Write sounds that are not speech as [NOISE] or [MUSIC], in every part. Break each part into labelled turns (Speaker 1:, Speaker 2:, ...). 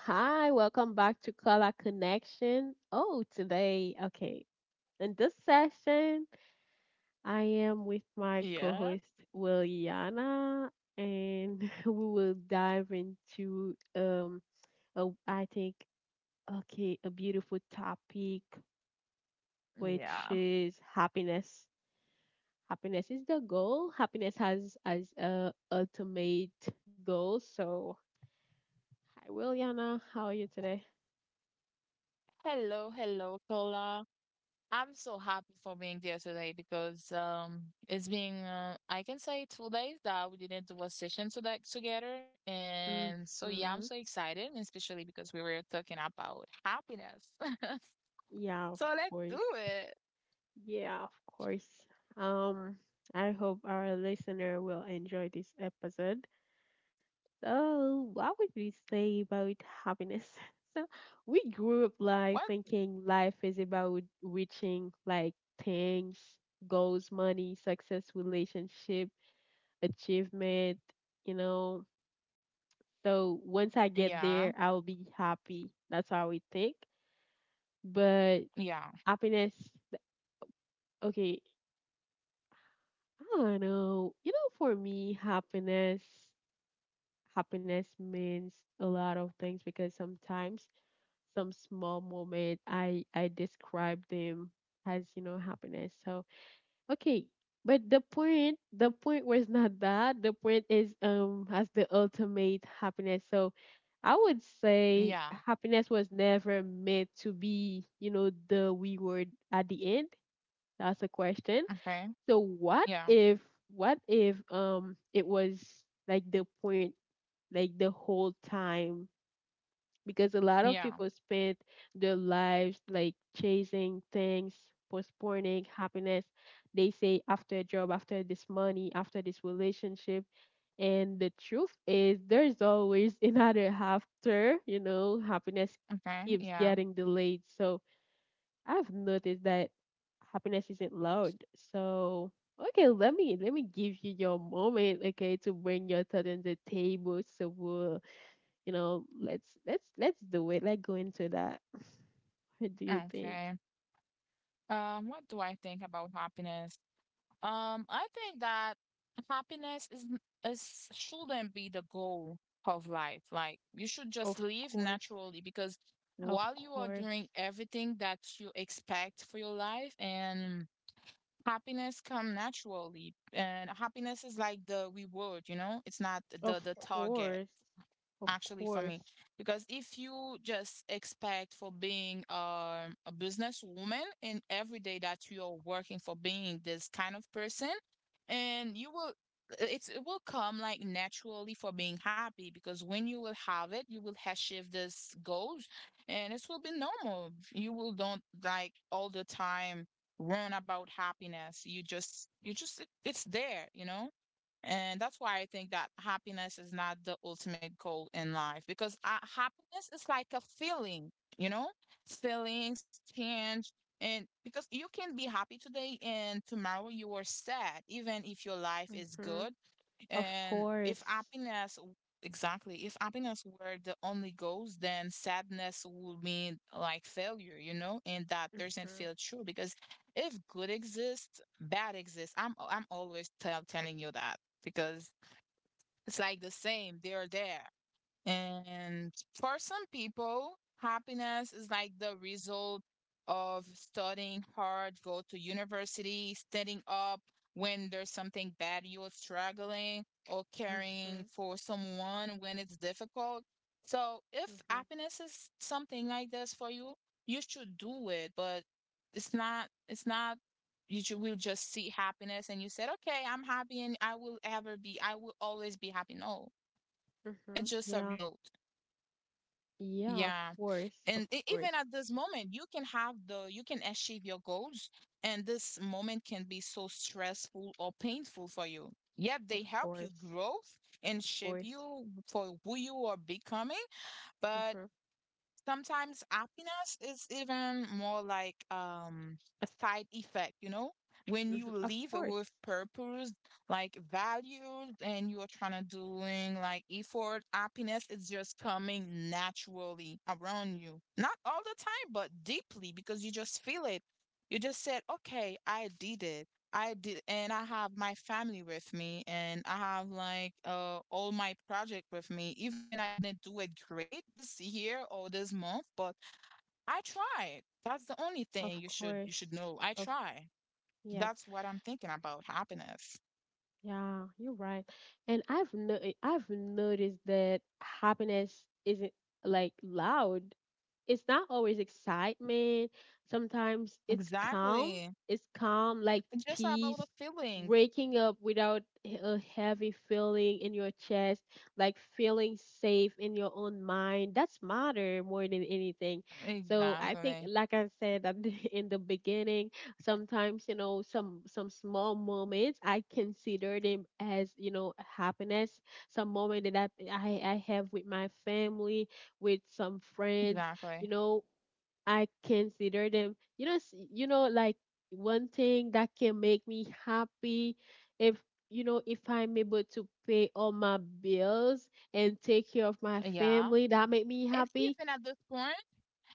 Speaker 1: Hi. Welcome back to Color Connection. Oh, today, okay. In this session, I am with my co
Speaker 2: Yeah.
Speaker 1: host, Williana, and [LAUGHS] we will dive into, a, I think, okay, a beautiful topic, which
Speaker 2: Yeah.
Speaker 1: is happiness. Happiness is the goal. Happiness has as a ultimate goal. So, hi, Williana. How are you today?
Speaker 2: Hello, hello, Kola. I'm so happy for being there today because it's been I can say two days that we didn't do a session to that together, and so yeah, I'm
Speaker 1: hmm
Speaker 2: so excited, especially because we were talking about happiness. [LAUGHS]
Speaker 1: Yeah, of
Speaker 2: So let's do
Speaker 1: course.
Speaker 2: it.
Speaker 1: Yeah, of course. Um, I hope our listener will enjoy this episode. So, what would we say about happiness? [LAUGHS] So, we grew up like
Speaker 2: What?
Speaker 1: thinking life is about reaching like things, goals, money, success, relationship, achievement, you know. So, once I get
Speaker 2: Yeah.
Speaker 1: there, I'll be happy. That's how we think. But
Speaker 2: Yeah.
Speaker 1: happiness, okay, I don't know. You know, for me, happiness means a lot of things because sometimes some small moment I describe them as, you know, happiness. So, okay. But the point was not that. The point is as the ultimate happiness. So, I would say
Speaker 2: Yeah.
Speaker 1: happiness was never meant to be, you know, the we word at the end. That's a question.
Speaker 2: Okay.
Speaker 1: So what
Speaker 2: Yeah.
Speaker 1: if what if it was like the point like the whole time because a lot of
Speaker 2: Yeah.
Speaker 1: people spend their lives like chasing things, postponing happiness. They say after a job, after this money, after this relationship. And the truth is there's always [LAUGHS] another after, happiness
Speaker 2: Okay.
Speaker 1: keeps
Speaker 2: Yeah.
Speaker 1: getting delayed. So I've noticed that happiness isn't loud. So okay, let me give you your moment, okay, to bring your thought on the table. So we'll, you know, let's do it. Let's go into that. [LAUGHS] What do you think?
Speaker 2: Okay. What do I think about happiness? I think that happiness is, n- is shouldn't be the goal of life. Like, you should just
Speaker 1: Of
Speaker 2: live
Speaker 1: course.
Speaker 2: naturally, because
Speaker 1: Of
Speaker 2: while you are
Speaker 1: course.
Speaker 2: doing everything that you expect for your life and happiness come naturally, and happiness is like the reward, you know? It's not the
Speaker 1: Of
Speaker 2: the target
Speaker 1: course. Of
Speaker 2: actually for
Speaker 1: course.
Speaker 2: me, because if you just expect for being a businesswoman and every day that you're working for being this kind of person and you will, it's it will come like naturally for being happy, because when you will have it you will achieve this goals and it will be normal, you will don't like all the time run about happiness, you just you just it's there, you know. And that's why I think that happiness is not the ultimate goal in life, because happiness is like a feeling, you know? Feelings change. And because you can be happy today and tomorrow you are sad, even if your life is
Speaker 1: Mm-hmm.
Speaker 2: good,
Speaker 1: Of
Speaker 2: and if
Speaker 1: course.
Speaker 2: happiness, w- exactly, if happiness were the only goals, then sadness would mean like failure, you know, and that doesn't
Speaker 1: Mm-hmm.
Speaker 2: feel true, because if good exists, bad exists. I'm always telling you that, because it's like the same. They're there. And for some people, happiness is like the result of studying hard, go to university, standing up when there's something bad you're struggling, or caring
Speaker 1: Mm-hmm.
Speaker 2: for someone when it's difficult. So if
Speaker 1: Mm-hmm.
Speaker 2: happiness is something like this for you, you should do it, but it's not you will just see happiness and you said, okay, I'm happy and I will ever be, I will always be happy. No, it's just
Speaker 1: Mm-hmm.
Speaker 2: a
Speaker 1: Yeah.
Speaker 2: result.
Speaker 1: Yeah, of
Speaker 2: Yeah.
Speaker 1: course.
Speaker 2: And
Speaker 1: Of
Speaker 2: even
Speaker 1: course.
Speaker 2: at this moment, you can have the, you can achieve your goals, and this moment can be so stressful or painful for you. Yet they
Speaker 1: Of
Speaker 2: help you
Speaker 1: course.
Speaker 2: grow and
Speaker 1: Of
Speaker 2: shape
Speaker 1: course.
Speaker 2: you for who you are becoming, but
Speaker 1: Mm-hmm.
Speaker 2: sometimes happiness is even more like a side effect, you know? When you
Speaker 1: Mm-hmm. Of
Speaker 2: live with
Speaker 1: course.
Speaker 2: purpose, like values, and you're trying to doing like effort, happiness is just coming naturally around you. Not all the time, but deeply, because you just feel it. You just said, okay, I did it. I did, and I have my family with me, and I have like all my project with me. Even I didn't do it great this year or this month, but I tried. That's the only
Speaker 1: Of
Speaker 2: thing you should you
Speaker 1: course.
Speaker 2: should know. I
Speaker 1: Of
Speaker 2: try.
Speaker 1: yeah,
Speaker 2: That's what I'm thinking about happiness.
Speaker 1: yeah, you're right. And I've noticed that happiness isn't like loud. It's not always excitement. Sometimes it's calm.
Speaker 2: Exactly.
Speaker 1: It's calm, like
Speaker 2: Just about the
Speaker 1: peace,
Speaker 2: feelings.
Speaker 1: waking up without a heavy feeling in your chest, like feeling safe in your own mind. That's matter more than anything. So I think,
Speaker 2: Exactly.
Speaker 1: like I said [LAUGHS] in the beginning, sometimes you know some small moments I consider them as, you know, happiness. Some moment that I have with my family with some friends, you
Speaker 2: Exactly.
Speaker 1: know, I consider them, you know, you know, like one thing that can make me happy, if you know, if I'm able to pay all my bills and take care of my
Speaker 2: Yeah.
Speaker 1: family, that make me
Speaker 2: And
Speaker 1: happy.
Speaker 2: even at this point,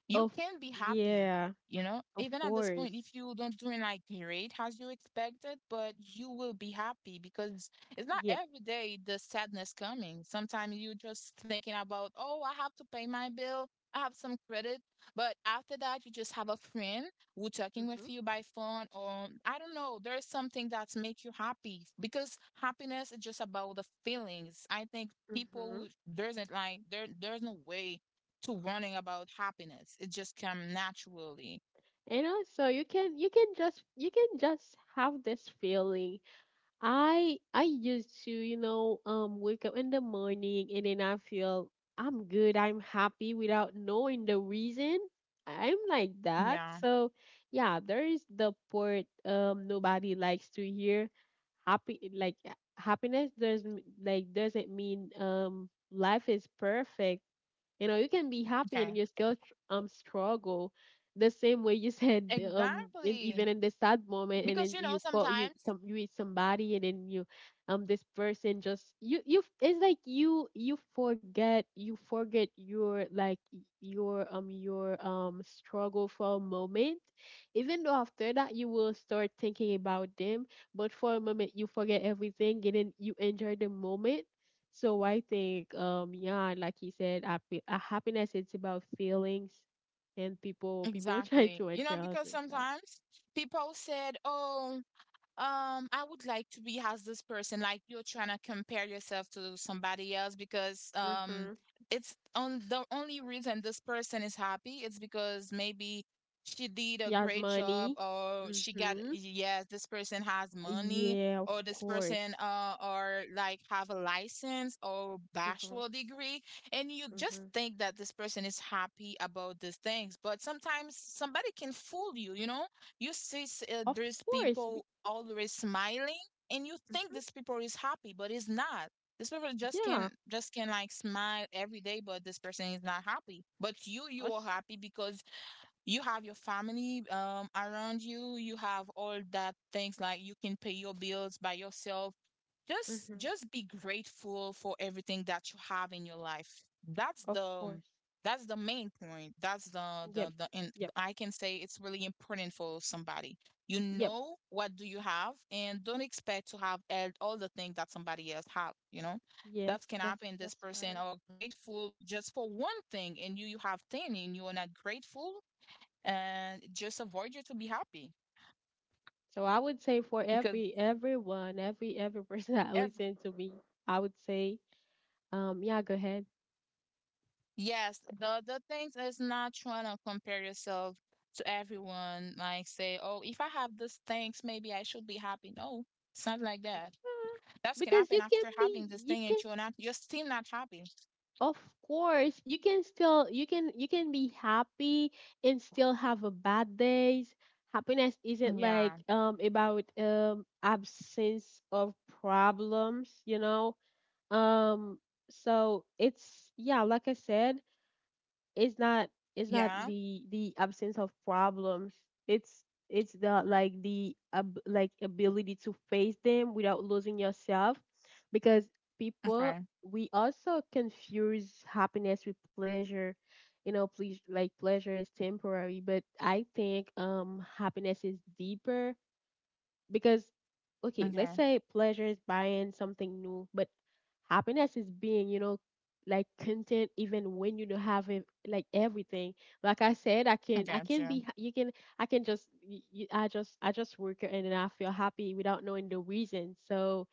Speaker 2: you
Speaker 1: Of
Speaker 2: can be happy,
Speaker 1: yeah,
Speaker 2: you know,
Speaker 1: of
Speaker 2: even at this
Speaker 1: course.
Speaker 2: point, if you don't doing like great as you expected, but you will be happy, because it's not
Speaker 1: Yep.
Speaker 2: every day the sadness coming. Sometimes you just thinking about, oh, I have to pay my bill. I have some credit, but after that, you just have a friend who talking with
Speaker 1: Mhm.
Speaker 2: you by phone, or I don't know. There is something that's make you happy, because happiness is just about the feelings. I think
Speaker 1: Mhm.
Speaker 2: people doesn't like there. There's no way to wanting about happiness. It just come naturally.
Speaker 1: And also you can you can just have this feeling. I used to, wake up in the morning and then I feel I'm good, I'm happy without knowing the reason. I'm like that.
Speaker 2: Yeah.
Speaker 1: So yeah, there is the part nobody likes to hear. Happy like happiness doesn't doesn't mean life is perfect. You know, you can be happy
Speaker 2: Okay.
Speaker 1: and you still struggle. The same way you [LAUGHS] said in,
Speaker 2: Exactly.
Speaker 1: even in the sad moment, and
Speaker 2: Because
Speaker 1: then
Speaker 2: you know
Speaker 1: you call you
Speaker 2: sometimes
Speaker 1: some you with somebody, and then you this person just, you it's like you forget, you forget your like your struggle for a moment, even though after that you will start thinking about them, but for a moment you forget everything and then you enjoy the moment. So I think, yeah, like he said, happiness it's about feelings, and people [LAUGHS] try
Speaker 2: exactly.
Speaker 1: to
Speaker 2: You know
Speaker 1: adjust
Speaker 2: because
Speaker 1: and stuff.
Speaker 2: sometimes people said, "Oh, I would like to be as this person," like you're trying to compare yourself to somebody else, because
Speaker 1: Mm-hmm.
Speaker 2: it's on the only reason this person is happy is because maybe she did
Speaker 1: He
Speaker 2: a
Speaker 1: has
Speaker 2: great
Speaker 1: money.
Speaker 2: job or she got
Speaker 1: Mm-hmm.
Speaker 2: yes, this person has money
Speaker 1: Yeah, of
Speaker 2: or this
Speaker 1: course.
Speaker 2: person or like have a license or
Speaker 1: Mm-hmm.
Speaker 2: bachelor degree, and you
Speaker 1: Mm-hmm.
Speaker 2: just think that this person is happy about these things, but sometimes somebody can fool you, you know, you see
Speaker 1: Of
Speaker 2: there's
Speaker 1: course.
Speaker 2: people always smiling, and you think
Speaker 1: Mm-hmm.
Speaker 2: this people is happy, but it's not. This people just
Speaker 1: Yeah.
Speaker 2: can just can like smile every day, but this person is not happy. But you are
Speaker 1: Us.
Speaker 2: happy, because you have your family around you. You have all that things like you can pay your bills by yourself,
Speaker 1: Mm-hmm.
Speaker 2: just be grateful for everything that you have in your life. That's
Speaker 1: Of
Speaker 2: the,
Speaker 1: course.
Speaker 2: that's the main point, that's
Speaker 1: Yep.
Speaker 2: the, and
Speaker 1: Yep.
Speaker 2: I can say it's really important for somebody, you
Speaker 1: Yep.
Speaker 2: know what do you have and don't expect to have all the things that somebody else have, you know,
Speaker 1: Yes.
Speaker 2: that can happen this
Speaker 1: That's
Speaker 2: person
Speaker 1: right.
Speaker 2: are grateful just for one thing and you have 10 and you are not grateful and just avoid you to be happy,
Speaker 1: So I would say for
Speaker 2: because
Speaker 1: everyone, every person [LAUGHS] that
Speaker 2: ev-
Speaker 1: listen to me, I would say, yeah, go ahead.
Speaker 2: yes, the things is not trying to compare yourself to everyone. Like say, oh, if I have these things, maybe I should be happy. No, it's not like that.
Speaker 1: Uh,
Speaker 2: That can
Speaker 1: because
Speaker 2: happen
Speaker 1: you can
Speaker 2: after
Speaker 1: be,
Speaker 2: having this
Speaker 1: you
Speaker 2: thing, and
Speaker 1: can,
Speaker 2: you're not, you're still not happy.
Speaker 1: of course, you can still, you can, you can be happy and still have a bad days. Happiness isn't like
Speaker 2: Yeah,
Speaker 1: about absence of problems, you know, um so it's, yeah, like I said, it's not it's not
Speaker 2: yeah.
Speaker 1: the absence of problems. it's it's the like the like ability to face them without losing yourself, because people,
Speaker 2: Okay,
Speaker 1: we also confuse happiness with pleasure. You know, please like pleasure is temporary, but I think happiness is deeper, because okay, let's
Speaker 2: okay,
Speaker 1: say pleasure is buying something new, but happiness is being, you know, like content even when you don't have it, like everything. Like I said,
Speaker 2: I
Speaker 1: I
Speaker 2: got
Speaker 1: can be,
Speaker 2: you.
Speaker 1: ha- you can, I can just, I just work and then I feel happy without knowing the reason. So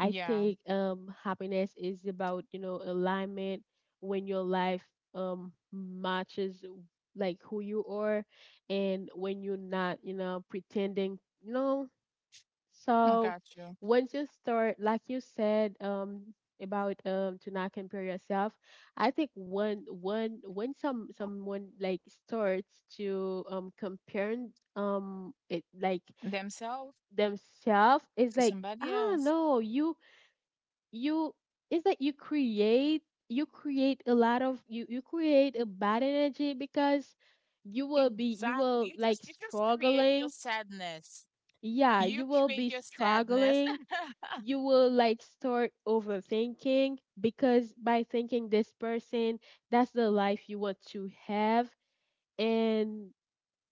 Speaker 1: I
Speaker 2: Yeah,
Speaker 1: think happiness is about, you know, alignment, when your life matches like who you are and when you're not, you know, pretending, you know,
Speaker 2: I
Speaker 1: so
Speaker 2: got you.
Speaker 1: once you start, like you said, about to not compare yourself. I think when someone like starts to comparing it like
Speaker 2: Themselves
Speaker 1: themselves, it's
Speaker 2: to
Speaker 1: like,
Speaker 2: somebody
Speaker 1: ah
Speaker 2: else.
Speaker 1: no, you it's like you create, you create a lot of you you create a bad energy because you
Speaker 2: Exactly.
Speaker 1: will
Speaker 2: You
Speaker 1: like
Speaker 2: just you just create your
Speaker 1: struggling.
Speaker 2: sadness.
Speaker 1: Yeah,
Speaker 2: You
Speaker 1: you will be
Speaker 2: create your sadness.
Speaker 1: struggling,
Speaker 2: [LAUGHS]
Speaker 1: you will like start overthinking because by thinking this person, that's the life you want to have. And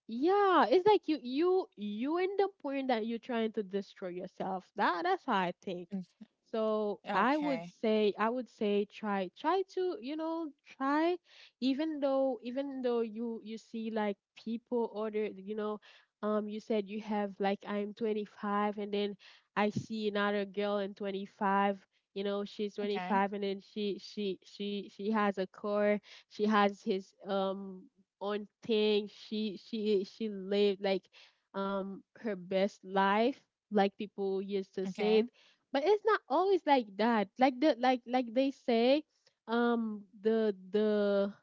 Speaker 1: yeah, it's like you in the point that you're trying to destroy yourself. That's how I think.
Speaker 2: Mm.
Speaker 1: So I would
Speaker 2: Okay.
Speaker 1: say I would say try to, you know, try, even though, you you see like people order, you know, you said you have like I'm 25 and then I see another girl in 25, you know, she's 25
Speaker 2: Okay.
Speaker 1: and then she has a car, she has his on things. She lived like her best life, like people used to say it.
Speaker 2: Okay.
Speaker 1: But it's not always like that. Like the, like they say, the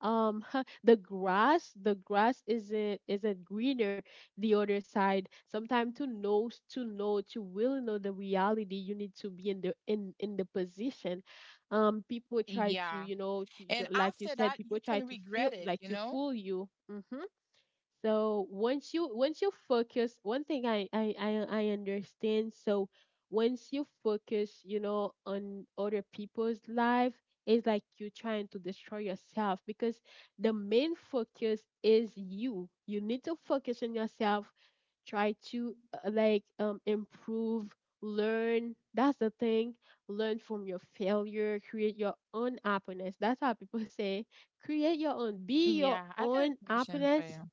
Speaker 1: um [LAUGHS] the grass, isn't greener the other side. Sometimes to know, to really know the reality, you need to be in the position. People try to,
Speaker 2: Yeah.
Speaker 1: you know,
Speaker 2: And
Speaker 1: like you
Speaker 2: after
Speaker 1: said,
Speaker 2: that, you
Speaker 1: people try
Speaker 2: can
Speaker 1: to feel
Speaker 2: regret it,
Speaker 1: like
Speaker 2: you
Speaker 1: to
Speaker 2: know?
Speaker 1: fool you. Hmm. So once you, once you focus, one thing I understand. So once you focus, you know, on other people's life, it's like you're trying to destroy yourself because the main focus is you. You need to focus on yourself. Try to improve, learn. That's the thing. Learn from your failure. Create your own happiness. That's how people [LAUGHS] say, create your own, be your
Speaker 2: Yeah, I got a
Speaker 1: own
Speaker 2: question for
Speaker 1: happiness.
Speaker 2: you.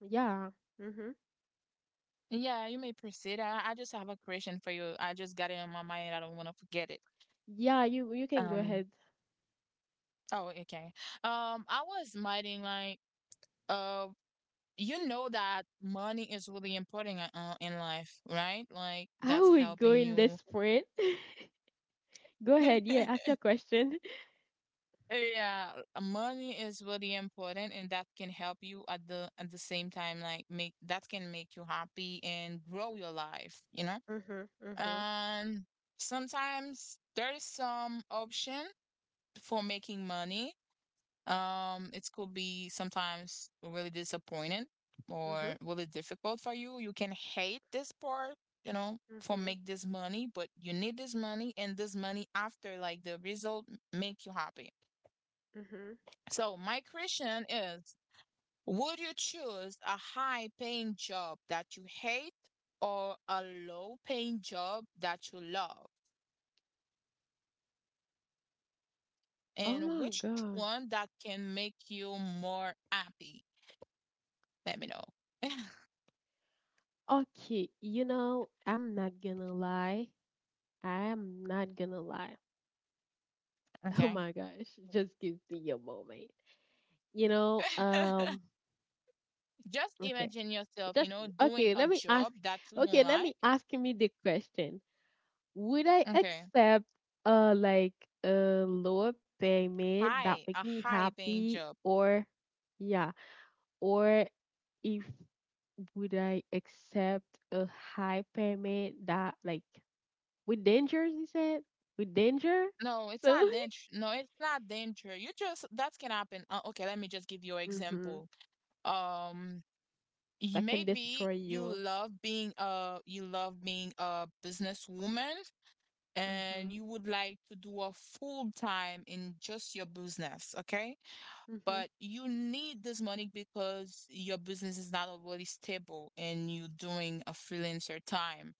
Speaker 1: Yeah. Mm-hmm.
Speaker 2: Yeah, you may proceed. I just have a question for you. I just got it in my mind. I don't want to forget it.
Speaker 1: Yeah, you can go
Speaker 2: Um,
Speaker 1: ahead.
Speaker 2: oh, okay. I was minding like, uh, you know that money is really important in life, right? Like
Speaker 1: I
Speaker 2: that's
Speaker 1: would go
Speaker 2: helping
Speaker 1: in this
Speaker 2: you.
Speaker 1: point. [LAUGHS] Go ahead. Yeah, ask
Speaker 2: [LAUGHS]
Speaker 1: your question. [LAUGHS]
Speaker 2: Yeah, money is really important and that can help you at the same time like make that can make you happy and grow your life, you know?
Speaker 1: Mm-hmm. Mm-hmm.
Speaker 2: Um sometimes there is some option for making money. It could be sometimes really disappointing or
Speaker 1: Mm-hmm.
Speaker 2: really difficult for you. You can hate this part, you know, for
Speaker 1: Mm-hmm.
Speaker 2: make this money, but you need this money and this money after like the result make you happy.
Speaker 1: Mm-hmm.
Speaker 2: So my question is, would you choose a high paying job that you hate or a low paying job that you love?
Speaker 1: Oh
Speaker 2: And
Speaker 1: my
Speaker 2: which
Speaker 1: gosh.
Speaker 2: one that can make you more happy? Let me know. [LAUGHS]
Speaker 1: Okay, you know, I'm not gonna lie. I am not gonna lie. [LAUGHS] Oh
Speaker 2: Okay.
Speaker 1: my gosh, just give me a moment. You know,
Speaker 2: [LAUGHS]
Speaker 1: um,
Speaker 2: Just
Speaker 1: okay.
Speaker 2: imagine yourself, you
Speaker 1: Just
Speaker 2: know, doing
Speaker 1: okay,
Speaker 2: a
Speaker 1: let me ask
Speaker 2: job that you don't
Speaker 1: okay, let me
Speaker 2: like.
Speaker 1: ask me the question. Would I
Speaker 2: Okay.
Speaker 1: accept uh like a lower payment that
Speaker 2: High,
Speaker 1: make
Speaker 2: a
Speaker 1: me
Speaker 2: high paying
Speaker 1: happy,
Speaker 2: job.
Speaker 1: or yeah, or if, would I accept a high payment that like with dangers, you said, with danger,
Speaker 2: No, it's
Speaker 1: so
Speaker 2: not danger. No, it's not danger. You just that can happen. Okay, let me just give you an
Speaker 1: [LAUGHS] mm-hmm.
Speaker 2: example. um
Speaker 1: That can
Speaker 2: maybe
Speaker 1: destroy
Speaker 2: you
Speaker 1: you.
Speaker 2: love being a, you love being a businesswoman and
Speaker 1: Mm-hmm.
Speaker 2: you would like to do a full time in just your business, okay,
Speaker 1: Mm-hmm.
Speaker 2: but you need this money because your business is not already stable and you're doing a freelancer time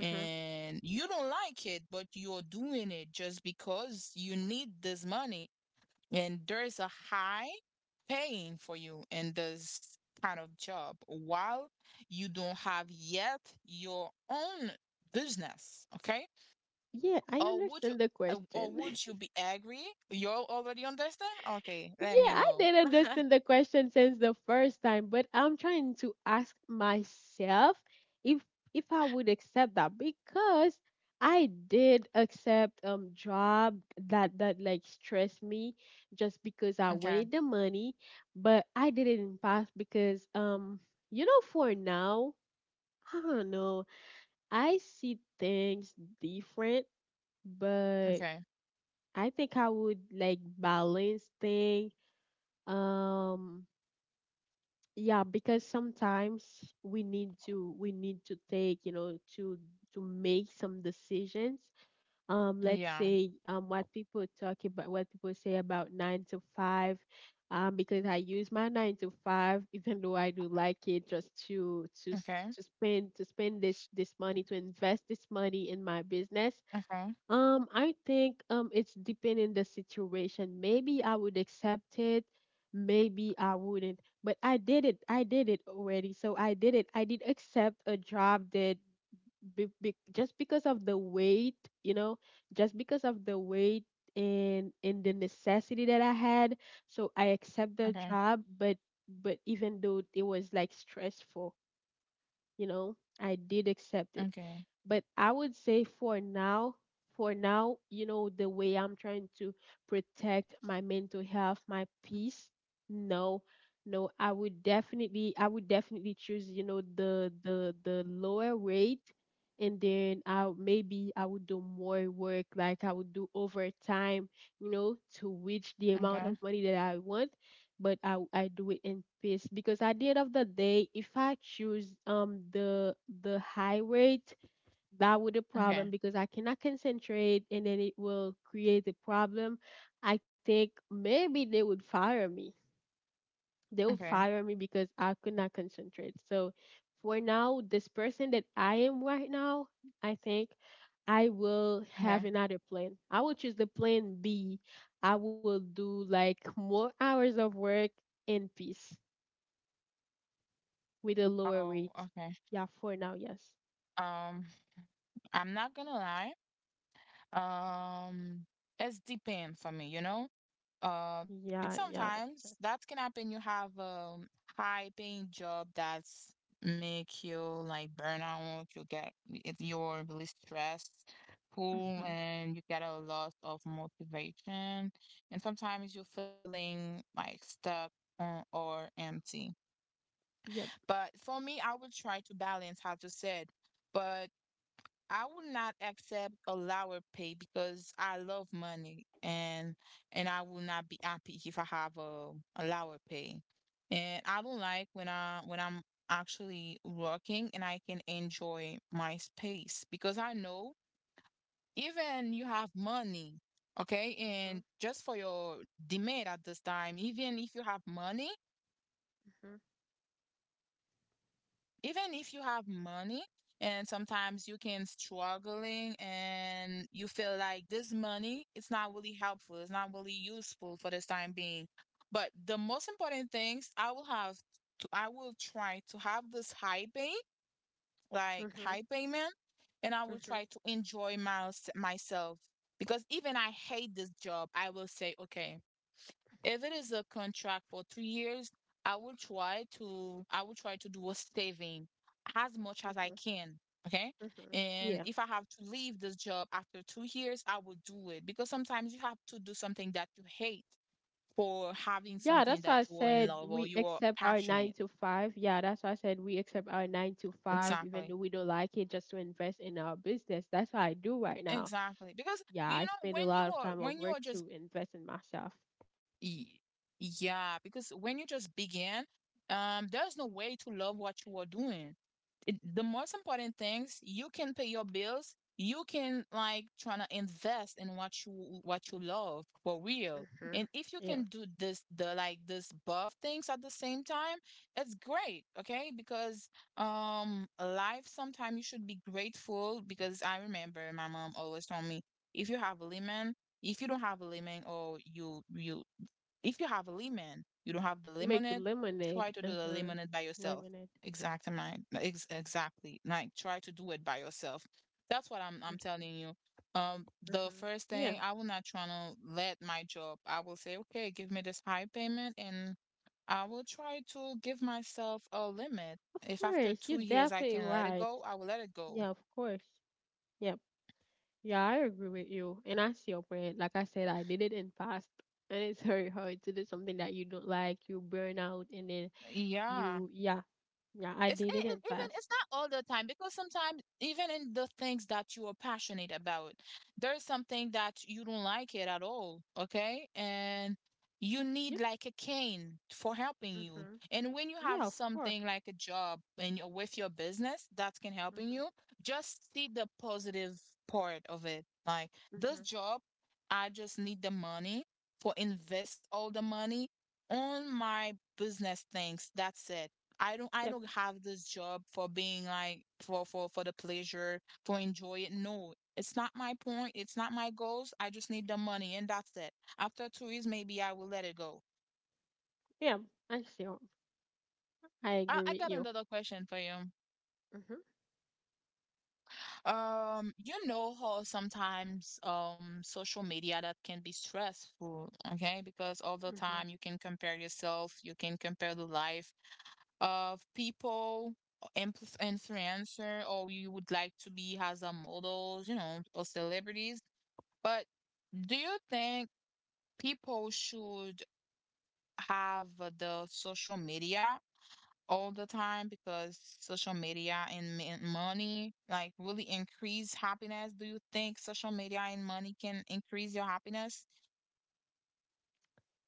Speaker 1: Mm-hmm.
Speaker 2: you don't like it, but you're doing it just because you need this money, and there is a high paying for you in this kind of job, while you don't have yet your own business, okay?
Speaker 1: Yeah, I
Speaker 2: Or would you
Speaker 1: understand the
Speaker 2: or
Speaker 1: question.
Speaker 2: would
Speaker 1: [LAUGHS]
Speaker 2: you be angry? You already understand? Okay, let
Speaker 1: Yeah,
Speaker 2: me
Speaker 1: I
Speaker 2: know.
Speaker 1: didn't understand
Speaker 2: [LAUGHS]
Speaker 1: the question since the first time, but I'm trying to ask myself if if I would accept that, because I did accept job that like stressed me just because I
Speaker 2: Okay,
Speaker 1: wanted the money, but I did it in past because you know for now, [LAUGHS] I don't know. I see things different, but
Speaker 2: okay.
Speaker 1: I think I would like balance things, um yeah, because sometimes we need to, take, you know, to make some decisions. Let's
Speaker 2: Yeah.
Speaker 1: say, what people talk about, what people say about 9 to 5, because I use my 9 to 5 [LAUGHS] even though I do like it, just to, to
Speaker 2: Okay.
Speaker 1: spend, this, this money, to invest this money in my business.
Speaker 2: Okay.
Speaker 1: Um, I think it's depending the situation. Maybe I would accept it, maybe I wouldn't. But I did it. I did it already. So I did it. I did accept a job that just because of the weight, you know, just because of the weight and the necessity that I had. So I accept the
Speaker 2: Okay.
Speaker 1: job, but even though it was like stressful, you know, I did accept it.
Speaker 2: Okay.
Speaker 1: But I would say for now, the way I'm trying to protect my mental health, my peace, no, no, I would definitely choose, you know, the lower rate, and then I maybe I would do more work, like I would do overtime, you know, to reach the amount
Speaker 2: Okay.
Speaker 1: of money that I want. But I do it in peace because at the end of the day, if I choose the high rate, that with a problem
Speaker 2: Okay.
Speaker 1: because I cannot concentrate and then it will create a problem. I think maybe they would fire me. They would
Speaker 2: Okay.
Speaker 1: fire me because I could not concentrate. So for now, this person that I am right now, I think I
Speaker 2: Okay.
Speaker 1: will have another plan. I will choose the plan B. I will do like more hours of work in peace with a lower
Speaker 2: Oh,
Speaker 1: rate.
Speaker 2: okay.
Speaker 1: Yeah, for now, yes.
Speaker 2: Um, I'm not gonna lie. It's depend for me, you know?
Speaker 1: Yeah,
Speaker 2: Because
Speaker 1: yeah, like I said.
Speaker 2: sometimes that can happen. You have a high paying job that's make you like burn out. You get if you're really stressed, cool,
Speaker 1: Mm-hmm.
Speaker 2: and you get a lot of motivation. And sometimes you're feeling like stuck or empty.
Speaker 1: Yep.
Speaker 2: But for me, I will try to balance, how you said. But I will not accept a lower pay because I love money, and I will not be happy if I have a lower pay. And I don't like when I when I'm actually working and I can enjoy my space, because I know even you have money, okay, and just for your demand at this time, even if you have money,
Speaker 1: Mm-hmm.
Speaker 2: even if you have money and sometimes you can struggling and you feel like this money it's not really helpful, it's not really useful for this time being, but the most important things I will have to, I will try to have this high pay like high
Speaker 1: Mhm,
Speaker 2: payment, and I will try
Speaker 1: mhm,
Speaker 2: to enjoy my, myself, because even I hate this job I will say okay, if it is a contract for three years, I will try to I will try to do a saving as much as I
Speaker 1: mhm,
Speaker 2: can. Okay.
Speaker 1: mhm.
Speaker 2: And if I
Speaker 1: Yeah.
Speaker 2: have to leave this job after 2 years, I will do it because sometimes you have to do something that you hate for having
Speaker 1: Yeah,
Speaker 2: something
Speaker 1: that's
Speaker 2: that
Speaker 1: why I
Speaker 2: you are in
Speaker 1: said
Speaker 2: love or
Speaker 1: we
Speaker 2: you are
Speaker 1: accept our
Speaker 2: passionate.
Speaker 1: nine to five. Yeah, that's why I said we accept our nine to five, even
Speaker 2: Exactly.
Speaker 1: though we don't like it, just to invest in our business. That's what I do right now.
Speaker 2: Exactly. Because
Speaker 1: Yeah,
Speaker 2: you
Speaker 1: I
Speaker 2: know
Speaker 1: spend a
Speaker 2: when you
Speaker 1: lot of
Speaker 2: are
Speaker 1: time at
Speaker 2: when you
Speaker 1: work
Speaker 2: are just
Speaker 1: to invest in myself.
Speaker 2: y- yeah, because when you just begin, there's no way to love what you are doing. The most important things, you can pay your bills, you can like trying to invest in what you love for real.
Speaker 1: Mm-hmm.
Speaker 2: And if you
Speaker 1: Yeah.
Speaker 2: can do this both things at the same time, it's great. Okay, because life, sometimes you should be grateful. Because I remember my mom always told me, if you have a lemon, if you don't have a lemon or you if you have a lemon, you don't have the
Speaker 1: To make
Speaker 2: lemonade, try to
Speaker 1: lemonade.
Speaker 2: do the
Speaker 1: Uh-huh.
Speaker 2: lemonade by yourself.
Speaker 1: Lemonade.
Speaker 2: Exactly, mine. Exactly. Like, try to do it by yourself. That's what I'm
Speaker 1: Mm-hmm.
Speaker 2: telling you. The
Speaker 1: Mm-hmm.
Speaker 2: first
Speaker 1: Yeah,
Speaker 2: thing, I will not try to let my job. I will say, okay, give me this high payment, and I will try to give myself a limit.
Speaker 1: of
Speaker 2: If after
Speaker 1: course. You're
Speaker 2: 2 years I
Speaker 1: definitely
Speaker 2: can let it
Speaker 1: right.
Speaker 2: go, I will let it
Speaker 1: Yeah,
Speaker 2: go.
Speaker 1: of course. Yeah, Yeah, I agree with you. And I see your point. Like I said, I did it in past. And it's very hard to do something that you don't like, you burn out, and then
Speaker 2: Yeah,
Speaker 1: yeah, yeah, I
Speaker 2: it's
Speaker 1: did it in
Speaker 2: even
Speaker 1: past.
Speaker 2: it's not all the time, because sometimes even in the things that you are passionate about, there's something that you don't like it at all, okay? And you
Speaker 1: You,
Speaker 2: need like a cane for helping you.
Speaker 1: mm-hmm.
Speaker 2: And when you
Speaker 1: Yeah,
Speaker 2: have
Speaker 1: of course.
Speaker 2: something like a job and you're with your business that can helping
Speaker 1: Mm-hmm.
Speaker 2: you, just see the positive part of it. Like, this
Speaker 1: Mm-hmm.
Speaker 2: job, I just need the money for invest all the money on my business things. That's it. I don't I
Speaker 1: Yep.
Speaker 2: don't have this job for being like for the pleasure, for enjoy it. No, it's not my point. It's not my goals. I just need the money and that's it. After 2 years, maybe I will let it go.
Speaker 1: Yeah, I see. I agree
Speaker 2: I
Speaker 1: with
Speaker 2: got
Speaker 1: you.
Speaker 2: another question for you.
Speaker 1: Mm-hmm.
Speaker 2: You know how sometimes social media that can be stressful, okay? Because all the
Speaker 1: Mm-hmm.
Speaker 2: time you can compare yourself, you can compare the life of people, influencer, or you would like to be as a models, you know, or celebrities. But do you think people should have the social media all the time? Because social media and money like really increase happiness. Do you think social media and money can increase your happiness?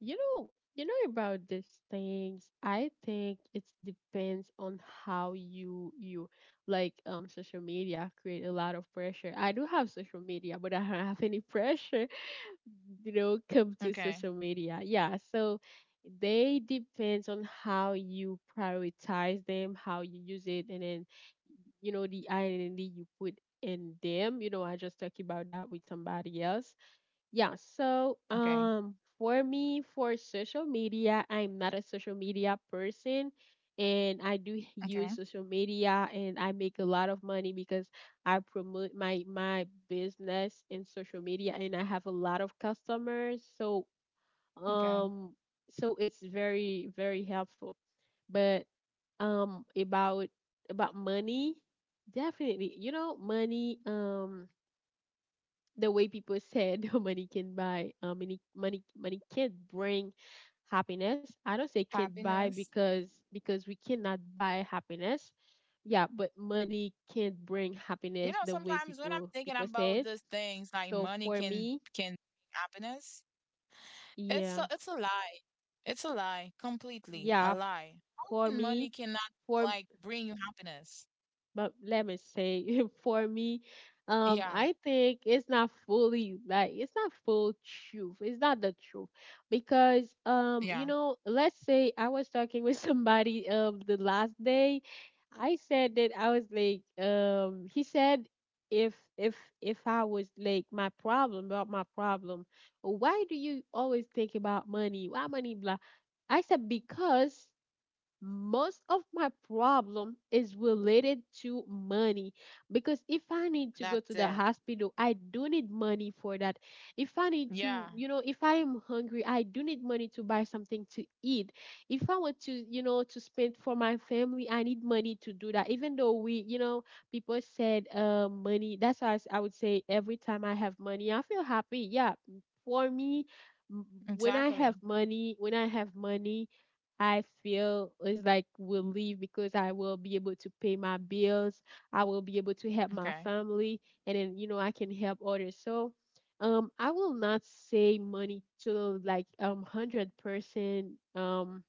Speaker 1: You know, you know about these things. I think it depends on how you like social media create a lot of pressure. I do have social media, but I don't have any [LAUGHS] pressure. You know, come to
Speaker 2: Okay.
Speaker 1: social media, yeah. So they depends on how you prioritize them, how you use it, and then you know the identity you put in them. You know, I just talked about that with somebody else. Yeah, so
Speaker 2: Okay.
Speaker 1: for me, for social media, I'm not a social media person, and I do
Speaker 2: Okay.
Speaker 1: use social media and I make a lot of money because I promote my business in social media and I have a lot of customers. So
Speaker 2: Okay.
Speaker 1: um so it's very helpful. But um about about money, definitely. You know, money, the way people said, [LAUGHS] money can buy money can't bring happiness. I don't say can't buy,
Speaker 2: Happiness.
Speaker 1: because we cannot buy happiness. Yeah, but money can't bring
Speaker 2: You
Speaker 1: happiness
Speaker 2: know,
Speaker 1: the way
Speaker 2: sometimes when I'm
Speaker 1: people
Speaker 2: thinking
Speaker 1: people said.
Speaker 2: about these things, like
Speaker 1: So
Speaker 2: money
Speaker 1: for me,
Speaker 2: can bring happiness, it's
Speaker 1: yeah
Speaker 2: a lie. It's a lie, completely
Speaker 1: yeah
Speaker 2: a
Speaker 1: f-
Speaker 2: lie. How
Speaker 1: for
Speaker 2: can
Speaker 1: me
Speaker 2: money cannot
Speaker 1: for
Speaker 2: like bring you happiness?
Speaker 1: but let me say, [LAUGHS] for me,
Speaker 2: Yeah,
Speaker 1: I think it's not fully like, it's not full truth, it's not the truth. Because you
Speaker 2: yeah,
Speaker 1: know, let's say I was talking with [LAUGHS] somebody the last day. I said that I was like, he said, if if if I was like, my problem, about my problem, why do you always think about money, why money, blah. I said because most of my problem is related to money. Because if I need to go
Speaker 2: that's
Speaker 1: to the
Speaker 2: it.
Speaker 1: hospital, I do need money for that. If I need
Speaker 2: Yeah,
Speaker 1: to, you know, if I am hungry, I do need money to buy something to eat. If I want to, you know, to spend for my family, I need money to do that. Even though we, you know, people said, money, that's why I would say every time I have money I feel happy. Yeah, for me, m- when I have
Speaker 2: exactly.
Speaker 1: money, when I have money, I feel it's like will leave because I will be able to pay my bills. I will be able to help my
Speaker 2: Okay,
Speaker 1: family, and then you know I can help others. So I will not say money to like 100% um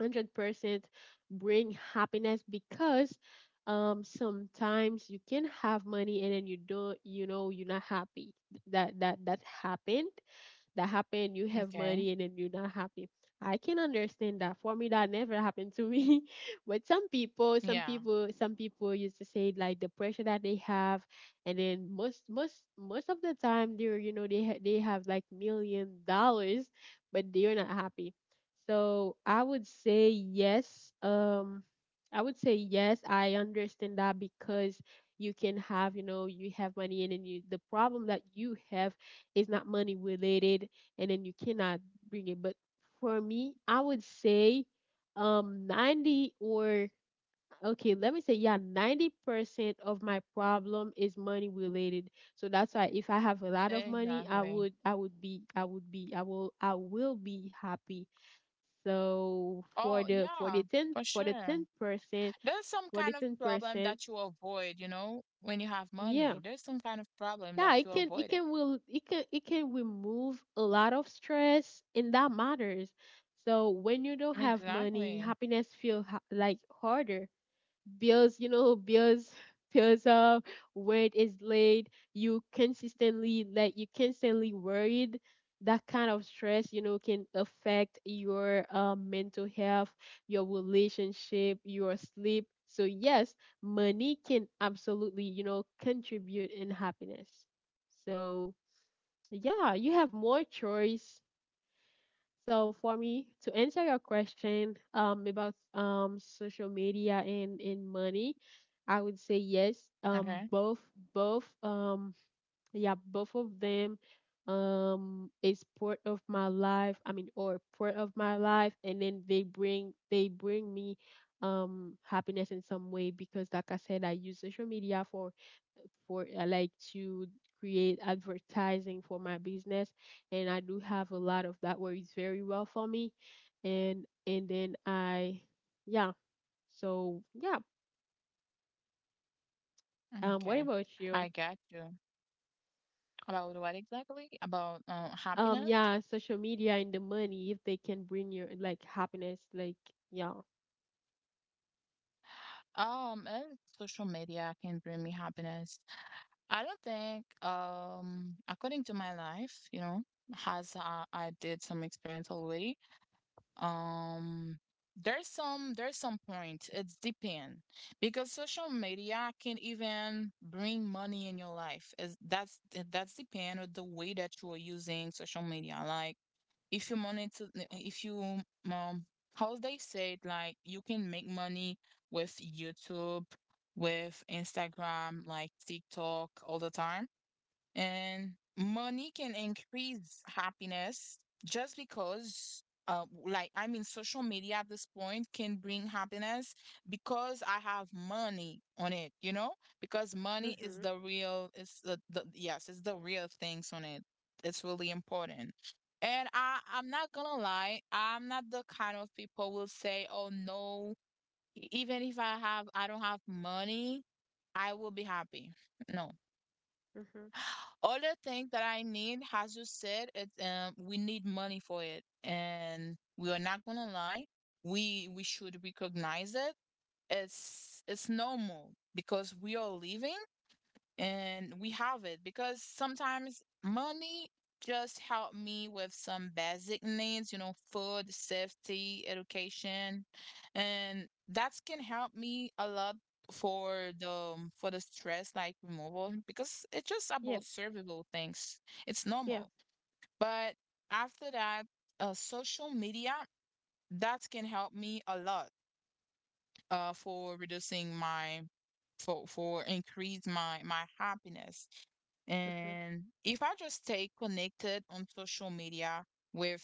Speaker 1: hundred percent bring happiness. Because sometimes you can have money and then you don't, you know, you're not happy. That that that happened that happen You have
Speaker 2: okay.
Speaker 1: money and then you're not happy. I can understand that. For me, that never happened to me. [LAUGHS] But some people, some
Speaker 2: Yeah,
Speaker 1: people some people used to say like the pressure that they have, and then most of the time, they're, you know, they have like $1 million, but they're not happy. So I would say yes. I understand that because you can have, you know, you have money, and then you, the problem that you have, it's not money related, and then you cannot bring it. But for me, I would say 90 or, okay, let me say, yeah, 90% of my problem is money related. So that's why if I have a lot of money,
Speaker 2: exactly.
Speaker 1: I would be I would be I will be happy. So for
Speaker 2: Oh,
Speaker 1: the
Speaker 2: yeah,
Speaker 1: for the
Speaker 2: for
Speaker 1: 10 for
Speaker 2: sure.
Speaker 1: the 10%
Speaker 2: There's some
Speaker 1: for the
Speaker 2: kind of problem
Speaker 1: 10%,
Speaker 2: that you avoid, you know, when you have
Speaker 1: yeah.
Speaker 2: money. There's some kind of problem
Speaker 1: Yeah,
Speaker 2: that
Speaker 1: it
Speaker 2: you
Speaker 1: can it
Speaker 2: avoid it.
Speaker 1: can will it can it can remove a lot of stress, and that matters. So when you don't have money,
Speaker 2: Exactly.
Speaker 1: happiness feel ha- like harder. Bears, you know, bears are where it is laid. You consistently, like, you constantly worried. That kind of stress, you know, can affect your mental health, your relationship, your sleep. So yes, money can absolutely, you know, contribute in happiness. So yeah, you have more choice. So for me, to answer your question about social media and money, I would say yes.
Speaker 2: Okay.
Speaker 1: Both, both um yeah, both of them is part of my life. I mean, or part of my life, and then they bring me happiness in some way, because like I said, I use social media for like to create advertising for my business, and I do have a lot of that works very well for me. And and then I yeah, so yeah. What
Speaker 2: Okay,
Speaker 1: about
Speaker 2: I
Speaker 1: you?
Speaker 2: got you. About what exactly? About happiness?
Speaker 1: Yeah, social media and the money, if they can bring you like happiness, like yeah.
Speaker 2: Social media can bring me happiness. I don't think, according to my life, you know, has I did some experience already. Um, there's some point. It's depend, because social media can even bring money in your life. Is that's depend on the way that you are using social media. Like, if you monitor, if you um how they say it, like you can make money with YouTube, with Instagram, like TikTok all the time. And money can increase happiness just because, like, I mean, social media at this point can bring happiness because I have money on it, you know? Because money
Speaker 1: Mhm.
Speaker 2: is the real, the, yes, it's the real things on it. It's really important. And I'm not gonna lie, I'm not the kind of people will say, oh no, even if I have, I don't have money, I will be happy. No,
Speaker 1: Mhm.
Speaker 2: other thing that I need, as you said, it we need money for it, and we are not gonna lie. We should recognize it. It's normal because we are living, and we have it. Because sometimes money just help me with some basic needs, you know, food, safety, education, and that can help me a lot for the stress like removal, because it's just about
Speaker 1: Yeah.
Speaker 2: survival things. It's
Speaker 1: Yeah.
Speaker 2: normal. But after that, social media, that can help me a lot, for reducing my, for increase my happiness.
Speaker 1: Mhm.
Speaker 2: And if I just stay connected on social media with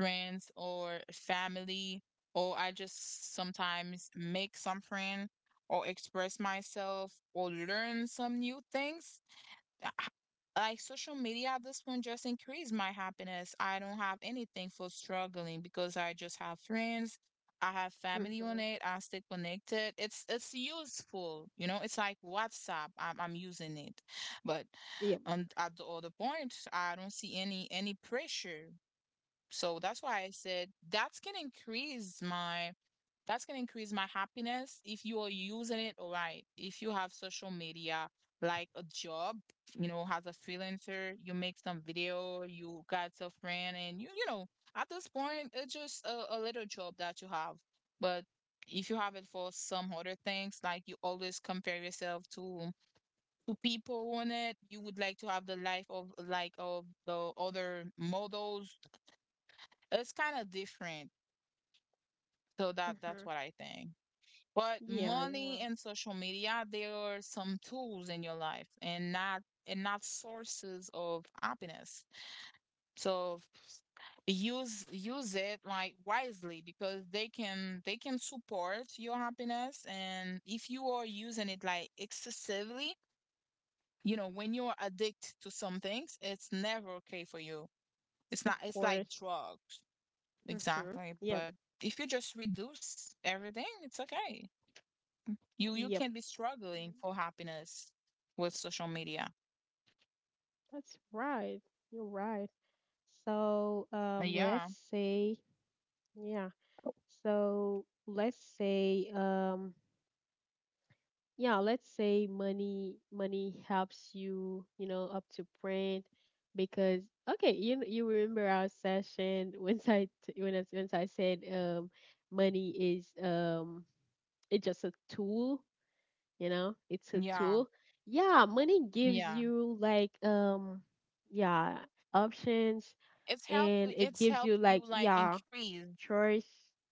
Speaker 2: friends or family, or I just sometimes make some friend, or express myself, or learn some new things, h- like social media at this point just increased my happiness. I don't have anything for struggling because I just have friends. I have family on
Speaker 1: Mhm.
Speaker 2: it. I stay connected. It's useful, you know. It's like WhatsApp. I'm using it, but
Speaker 1: Yeah.
Speaker 2: on at the other point, I don't see any pressure. So that's why I said that can increase my, that's going to increase my happiness if you are using it all right. If you have social media, like a job, you know, as a freelancer, you make some video, you got a friend, and you know, at this point, it's just a little job that you have. But if you have it for some other things, like you always compare yourself to people on it, you would like to have the life of like of the other models. It's kind of different. So that that's what
Speaker 1: Mhm.
Speaker 2: I think. But
Speaker 1: Yeah, you
Speaker 2: money
Speaker 1: are,
Speaker 2: and social media, they are some tools in your life, and not sources of happiness. So use it like wisely, because they can support your happiness. And if you are using it like excessively, you know, when you are addicted to some things, it's never okay for you. It's not,
Speaker 1: of
Speaker 2: it's like
Speaker 1: course.
Speaker 2: drugs.
Speaker 1: Mhm.
Speaker 2: Exactly.
Speaker 1: Yep.
Speaker 2: But if you just reduce everything, it's okay. you
Speaker 1: Yep.
Speaker 2: you can be struggling for happiness with social media.
Speaker 1: That's right. You're right. So let's
Speaker 2: Yeah,
Speaker 1: say, yeah. So let's say, yeah, let's say money helps you, you know, up to print. Because okay, you remember our session, [LAUGHS] when I t- when I, once I said, money is, it's just a tool, you know, it's a tool.
Speaker 2: yeah,
Speaker 1: Yeah, money gives
Speaker 2: yeah.
Speaker 1: you like, yeah, options,
Speaker 2: It's help,
Speaker 1: and it
Speaker 2: it's
Speaker 1: gives you
Speaker 2: help
Speaker 1: like,
Speaker 2: you like
Speaker 1: yeah,
Speaker 2: increase.
Speaker 1: choice.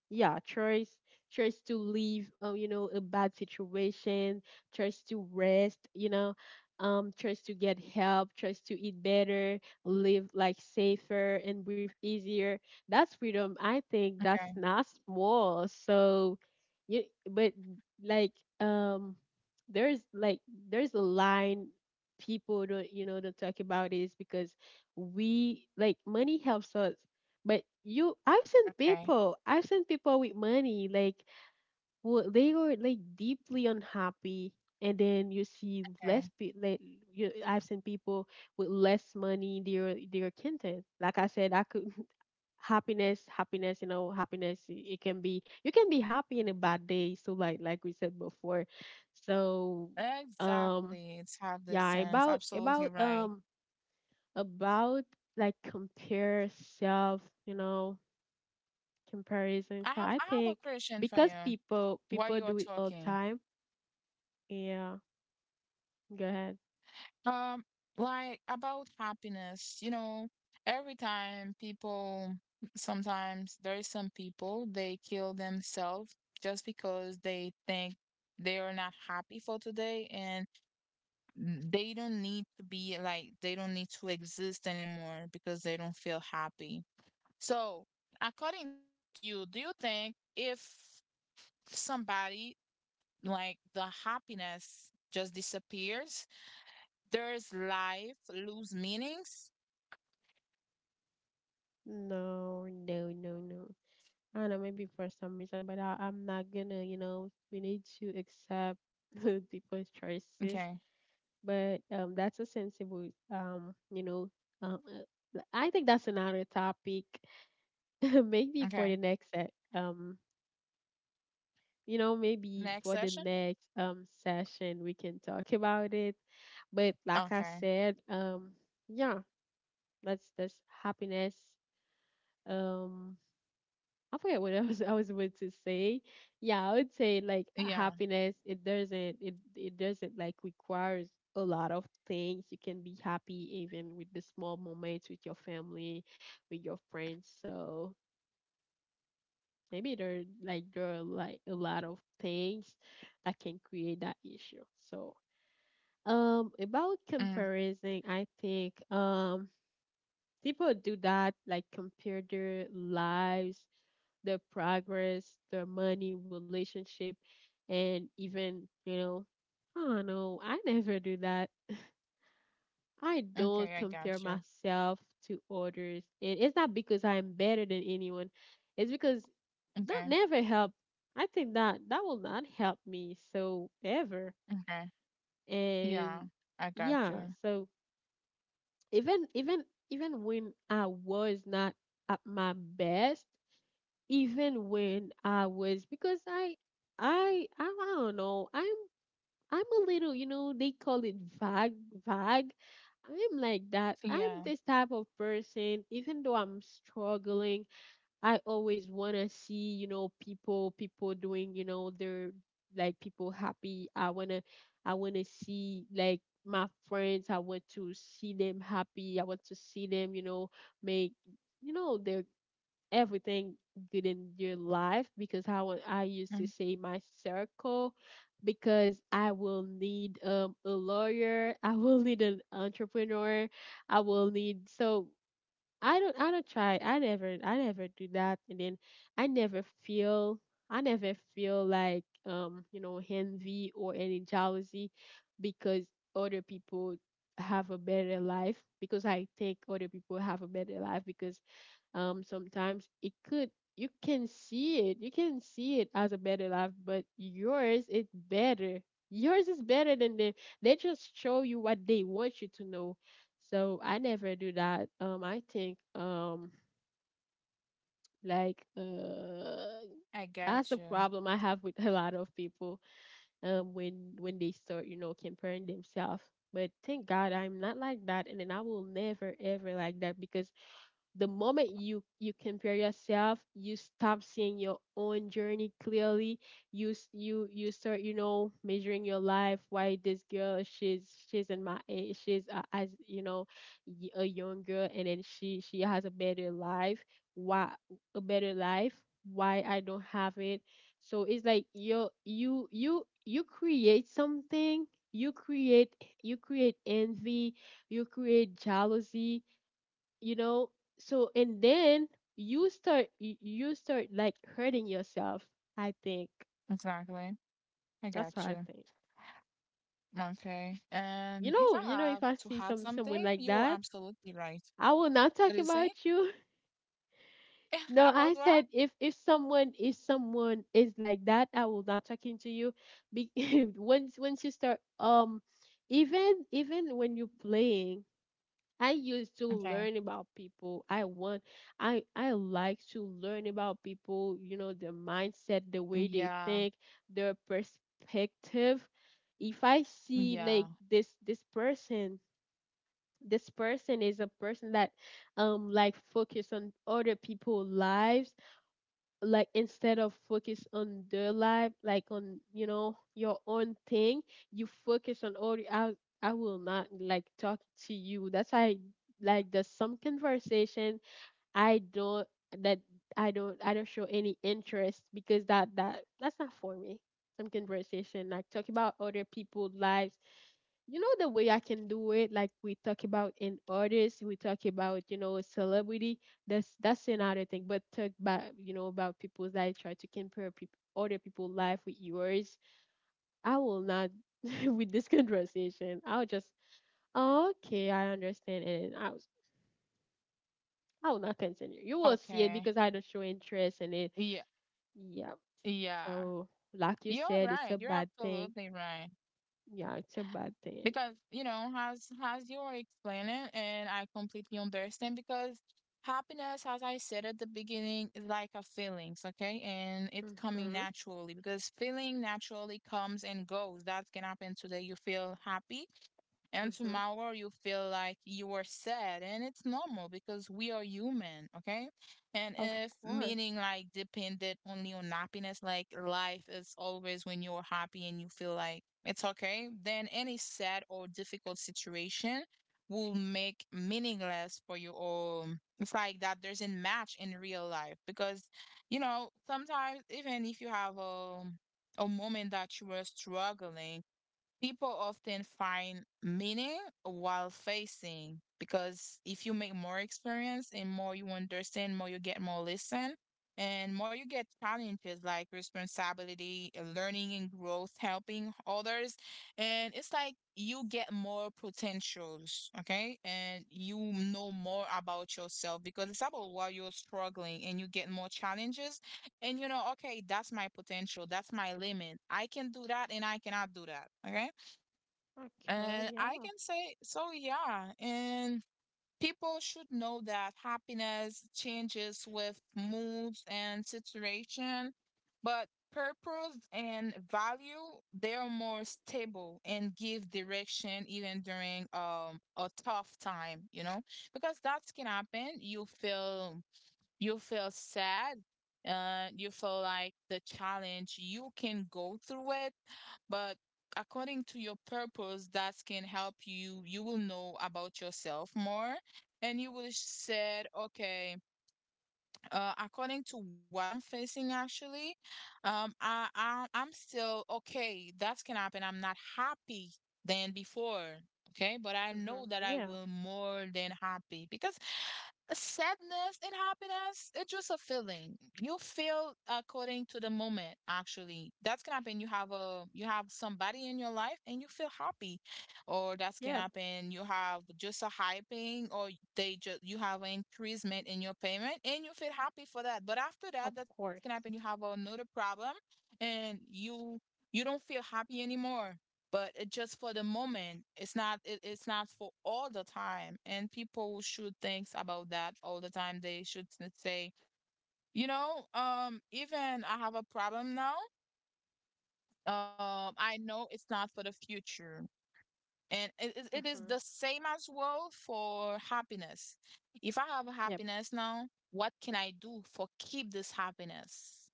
Speaker 1: Yeah, choice to leave, you know, a bad situation. Choice to rest, you know, choice to get help, choice to eat better, live like safer and breathe easier. That's freedom. I think that's
Speaker 2: Okay,
Speaker 1: not small. So you, but, like, um there's like, there's a line people don't, you know, don't talk about is because we like money helps us. But you,
Speaker 2: okay,
Speaker 1: I've seen people with money, like, who they were like deeply unhappy. And then you see less
Speaker 2: okay.
Speaker 1: like, you, I've seen people with less money, they're content. Like I said, I could, [LAUGHS] happiness. It can be, you can be happy in a bad day. So like we said before, so um
Speaker 2: Exactly. It's have this
Speaker 1: yeah,
Speaker 2: sense.
Speaker 1: about
Speaker 2: Absolutely
Speaker 1: about
Speaker 2: right.
Speaker 1: um about like compare self, you know, comparison. So I
Speaker 2: I have a
Speaker 1: think,
Speaker 2: question for
Speaker 1: because
Speaker 2: you
Speaker 1: people
Speaker 2: while
Speaker 1: people
Speaker 2: you are
Speaker 1: do it all the
Speaker 2: talking.
Speaker 1: time. Yeah, go ahead.
Speaker 2: Um, like about happiness, you know, every time people, sometimes there is some people, they kill themselves just because they think they are not happy for today, and they don't need to be like, they don't need to exist anymore because they don't feel happy. So, according to you, do you think if somebody, like the happiness just disappears, there's life lose meanings?
Speaker 1: No, no, no, no. I don't know, maybe for some reason, but I'm not gonna, you know, we need to accept [LAUGHS] people's choices.
Speaker 2: Okay.
Speaker 1: But that's a sensible, you know, um, I think that's another topic, [LAUGHS] maybe for the
Speaker 2: Okay.
Speaker 1: next set. You know, maybe
Speaker 2: Next
Speaker 1: for the
Speaker 2: session?
Speaker 1: next session we can talk about it. But like I
Speaker 2: Okay.
Speaker 1: said, yeah, that's happiness. Um I forget what [LAUGHS] I was about to say. Yeah, I would say like
Speaker 2: Yeah.
Speaker 1: happiness it doesn't like requires a lot of things. You can be happy even with the small moments with your family, with your friends. So maybe there like there are like a lot of things that can create that issue. So about
Speaker 2: Mm.
Speaker 1: comparison, I think people do that, like compare their lives, their progress, their money, relationship, and even you know, I don't know. I never do that. I don't
Speaker 2: Okay, I
Speaker 1: compare
Speaker 2: got you.
Speaker 1: myself to others, and it's not because I'm better than anyone. It's because
Speaker 2: Okay.
Speaker 1: that never helped. I think that that will not help me so ever.
Speaker 2: Okay. Yeah,
Speaker 1: And
Speaker 2: I got
Speaker 1: yeah,
Speaker 2: you.
Speaker 1: so even even when I was not at my best, even when I was, because I don't know. I'm a little, you know, they call it vague, vague. I'm like that. I'm
Speaker 2: Yeah.
Speaker 1: this type of person even though I'm struggling, I always want to see, people doing, you know, their like people happy. I want to see like my friends. I want to see them happy. I want to see them, you know, make you know, their everything good in their life because I used to
Speaker 2: Mm.
Speaker 1: say my circle because I will need a lawyer, I will need an entrepreneur, I will need so I don't try. I never do that, and then I never feel I never feel like envy or any jealousy because other people have a better life because I think other people have a better life because sometimes it could you can see it, you can see it as a better life, but yours is better, yours is better than the they just show you what they want you to know. So I never do that. I think like uh
Speaker 2: I
Speaker 1: that's the
Speaker 2: got you.
Speaker 1: problem I have with [LAUGHS] a lot of people when they start, comparing themselves. But thank God I'm not like that, and then I will never ever like that, because the moment you compare yourself, you stop seeing your own journey clearly. You start, measuring your life. Why this girl, she's in my age, as you know, a young girl, and then she has a better life. Why a better life? Why I don't have it? So it's like you create something. you create you create envy, you create jealousy, you know. So and then you start like hurting yourself, I think.
Speaker 2: Exactly. I
Speaker 1: That's what
Speaker 2: got
Speaker 1: I
Speaker 2: you.
Speaker 1: think.
Speaker 2: Okay. And if I
Speaker 1: You know, if
Speaker 2: have
Speaker 1: I
Speaker 2: to
Speaker 1: see
Speaker 2: add
Speaker 1: someone
Speaker 2: something,
Speaker 1: like
Speaker 2: you are
Speaker 1: that,
Speaker 2: absolutely right.
Speaker 1: I will not talk
Speaker 2: What do you
Speaker 1: about
Speaker 2: say?
Speaker 1: you. [LAUGHS] No,
Speaker 2: [LAUGHS]
Speaker 1: I
Speaker 2: About
Speaker 1: said,
Speaker 2: what?
Speaker 1: if if someone is like that, I will not talking to you. Be- [LAUGHS] once you start even when you're playing, I used to
Speaker 2: Okay.
Speaker 1: learn about people. I want I like to learn about people, you know, their mindset, the way they
Speaker 2: Yeah.
Speaker 1: think, their perspective. If I see
Speaker 2: Yeah.
Speaker 1: like this person is a person that like focus on other people's lives, like instead of focus on their life, like on, you know, your own thing, you focus on all, I will not like talk to you. That's why, like, there's some conversation I don't, that I don't show any interest, because that's not for me. Some conversation like talk about other people's lives, you know. The way I can do it, like we talk about in artists, we talk about, you know, celebrity. That's another thing. But talk about, you know, about people that try to compare people other people's life with yours, I will not. [LAUGHS] With this conversation, I'll just, "Oh, okay, I understand." And I will not continue. You will see it
Speaker 2: Okay.
Speaker 1: because I don't show interest in it.
Speaker 2: Yeah.
Speaker 1: Yeah.
Speaker 2: Yeah.
Speaker 1: So like you
Speaker 2: You're
Speaker 1: said, it's
Speaker 2: right.
Speaker 1: a
Speaker 2: You're
Speaker 1: bad thing.
Speaker 2: absolutely right.
Speaker 1: Yeah, it's a bad thing.
Speaker 2: Because you know, as you are explaining, and I completely understand, because happiness, as I said at the beginning, is like a feelings, okay? And it's coming
Speaker 1: Mhm.
Speaker 2: naturally because feeling naturally comes and goes. That can happen today you feel happy, and
Speaker 1: Mhm.
Speaker 2: tomorrow you feel like you are sad, and it's normal because we are human, okay? And
Speaker 1: Of
Speaker 2: if
Speaker 1: course.
Speaker 2: meaning like dependent only on happiness, like life is always when you're happy and you feel like it's okay, then any sad or difficult situation will make meaningless for you, or it's like that doesn't match in real life. Because you know sometimes even if you have a moment that you were struggling, people often find meaning while facing. Because if you make more experience and more you understand, more you get more listen, and more you get challenges like responsibility, learning and growth, helping others, and it's like you get more potentials, okay? And you know more about yourself because it's about why you're struggling and you get more challenges, and you know, okay, that's my potential, that's my limit. I can do that and I cannot do that, okay?
Speaker 1: Okay,
Speaker 2: And I
Speaker 1: yeah.
Speaker 2: can say, so yeah. And people should know that happiness changes with moods and situation, but purpose and value, they are more stable and give direction even during a tough time, you know? Because that can happen. You feel sad, you feel like the challenge you can go through it, but according to your purpose, that can help you. You will know about yourself more, and you will said, okay, according to what I'm facing, actually, I, I'm still okay. That can happen. I'm not happy than before. Okay, but I
Speaker 1: Mm-hmm.
Speaker 2: know that I
Speaker 1: Yeah.
Speaker 2: will more than happy. Because sadness and happiness, it's just a feeling. You feel according to the moment, actually. That's gonna happen. You have a you have somebody in your life and you feel happy, or that can
Speaker 1: Yeah,
Speaker 2: happen, you have just a hyping, or they just, you have an increasement in your payment and you feel happy for that. But after that,
Speaker 1: of
Speaker 2: that can happen, you
Speaker 1: course.
Speaker 2: have another problem and you don't feel happy anymore. But it just for the moment, it's not it's not for all the time, and people should think about that all the time. They should say, even I have a problem now, I know it's not for the future. And it is
Speaker 1: Mm-hmm.
Speaker 2: the same as well for happiness. If I have
Speaker 1: Yep,
Speaker 2: happiness now, what can I do for keep this happiness?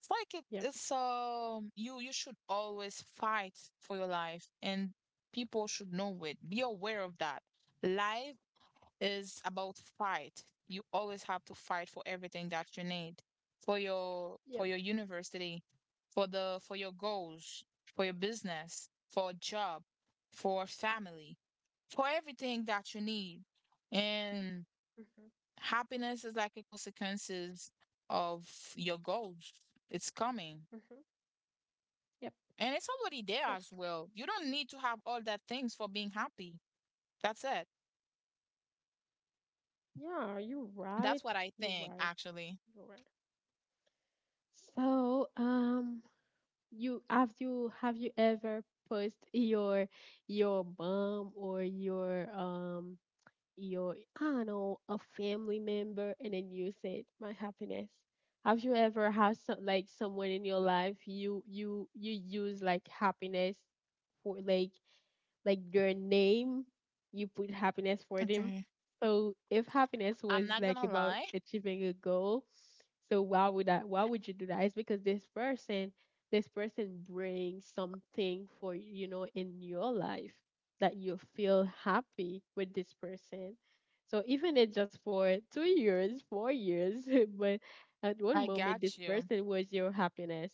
Speaker 2: It's like it,
Speaker 1: yep,
Speaker 2: it's um you should always fight for your life, and people should know it. Be aware of that. Life is about fight. You always have to fight for everything that you need, for your
Speaker 1: yep,
Speaker 2: university, for the for your goals, for your business, for a job, for family, for everything that you need. And
Speaker 1: Mm-hmm.
Speaker 2: happiness is like a consequences of your goals. It's coming.
Speaker 1: Mm-hmm. Yep,
Speaker 2: And it's already there
Speaker 1: yep.
Speaker 2: as well. You don't need to have all that things for being happy. That's it.
Speaker 1: Yeah, you're right.
Speaker 2: That's what I
Speaker 1: You're
Speaker 2: think,
Speaker 1: right.
Speaker 2: actually.
Speaker 1: You're right. So, you have you ever posted your mom or your I don't know, a family member, and then you said, "my happiness." Have you ever had some like someone in your life you use like happiness for like your name, you put happiness for them.
Speaker 2: Okay.
Speaker 1: So if happiness was
Speaker 2: I'm not
Speaker 1: like
Speaker 2: gonna
Speaker 1: about
Speaker 2: lie.
Speaker 1: achieving a goal, so why would you do that? It's because this person brings something for, you know, in your life, that you feel happy with this person. So even it just for 2 years, 4 years, [LAUGHS] but at one
Speaker 2: I
Speaker 1: moment this
Speaker 2: got you.
Speaker 1: person was your happiness.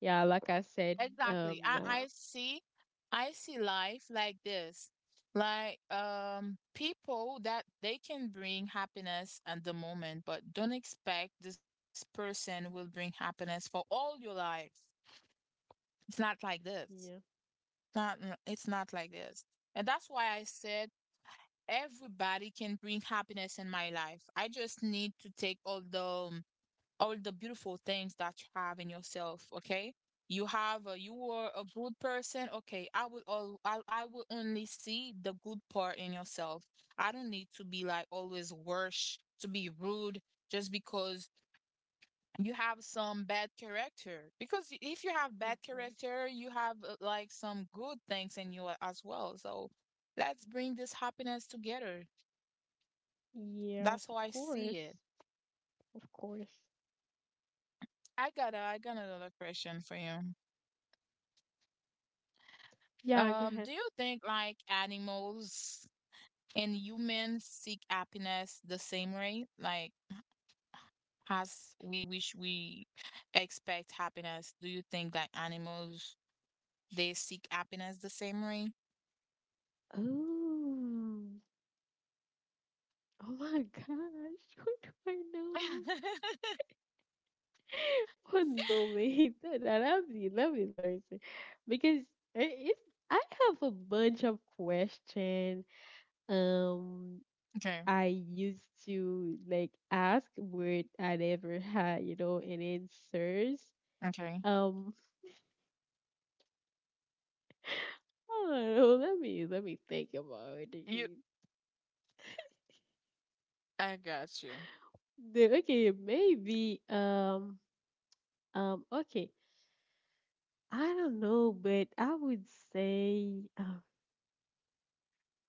Speaker 1: Yeah, like I said, um,
Speaker 2: Exactly. I,
Speaker 1: yeah,
Speaker 2: I see, I see life like this. Like, people that they can bring happiness at the moment, but don't expect this person will bring happiness for all your life. It's not like this.
Speaker 1: yeah.
Speaker 2: Not, it's not like this. And that's why I said everybody can bring happiness in my life. I just need to take um, all the beautiful things that you have in yourself. Okay, you have you are a good person. Okay, I will all, I will only see the good part in yourself. I don't need to be like always worse to be rude just because you have some bad character. Because if you have bad
Speaker 1: Mm-hmm.
Speaker 2: character, you have like some good things in you as well. So let's bring this happiness together.
Speaker 1: Yeah, of
Speaker 2: That's how I see
Speaker 1: course.
Speaker 2: it.
Speaker 1: Of course.
Speaker 2: I got another question for you.
Speaker 1: Yeah, go ahead.
Speaker 2: Do you think like animals and humans seek happiness the same way? Like as we wish, we expect happiness, do you think that animals they seek happiness the same way?
Speaker 1: Oh, oh my gosh. [LAUGHS] What do I know?
Speaker 2: [LAUGHS]
Speaker 1: [LAUGHS] Oh no, wait. [LAUGHS] Let me, let me see. Because it's, I have a bunch of questions. Um,
Speaker 2: Okay,
Speaker 1: I used to like ask where I never had, you know, an answers.
Speaker 2: okay.
Speaker 1: Um, [LAUGHS] I don't know. Let me, think about it.
Speaker 2: You, I got you.
Speaker 1: Then, okay, maybe okay. I don't know, but say uh,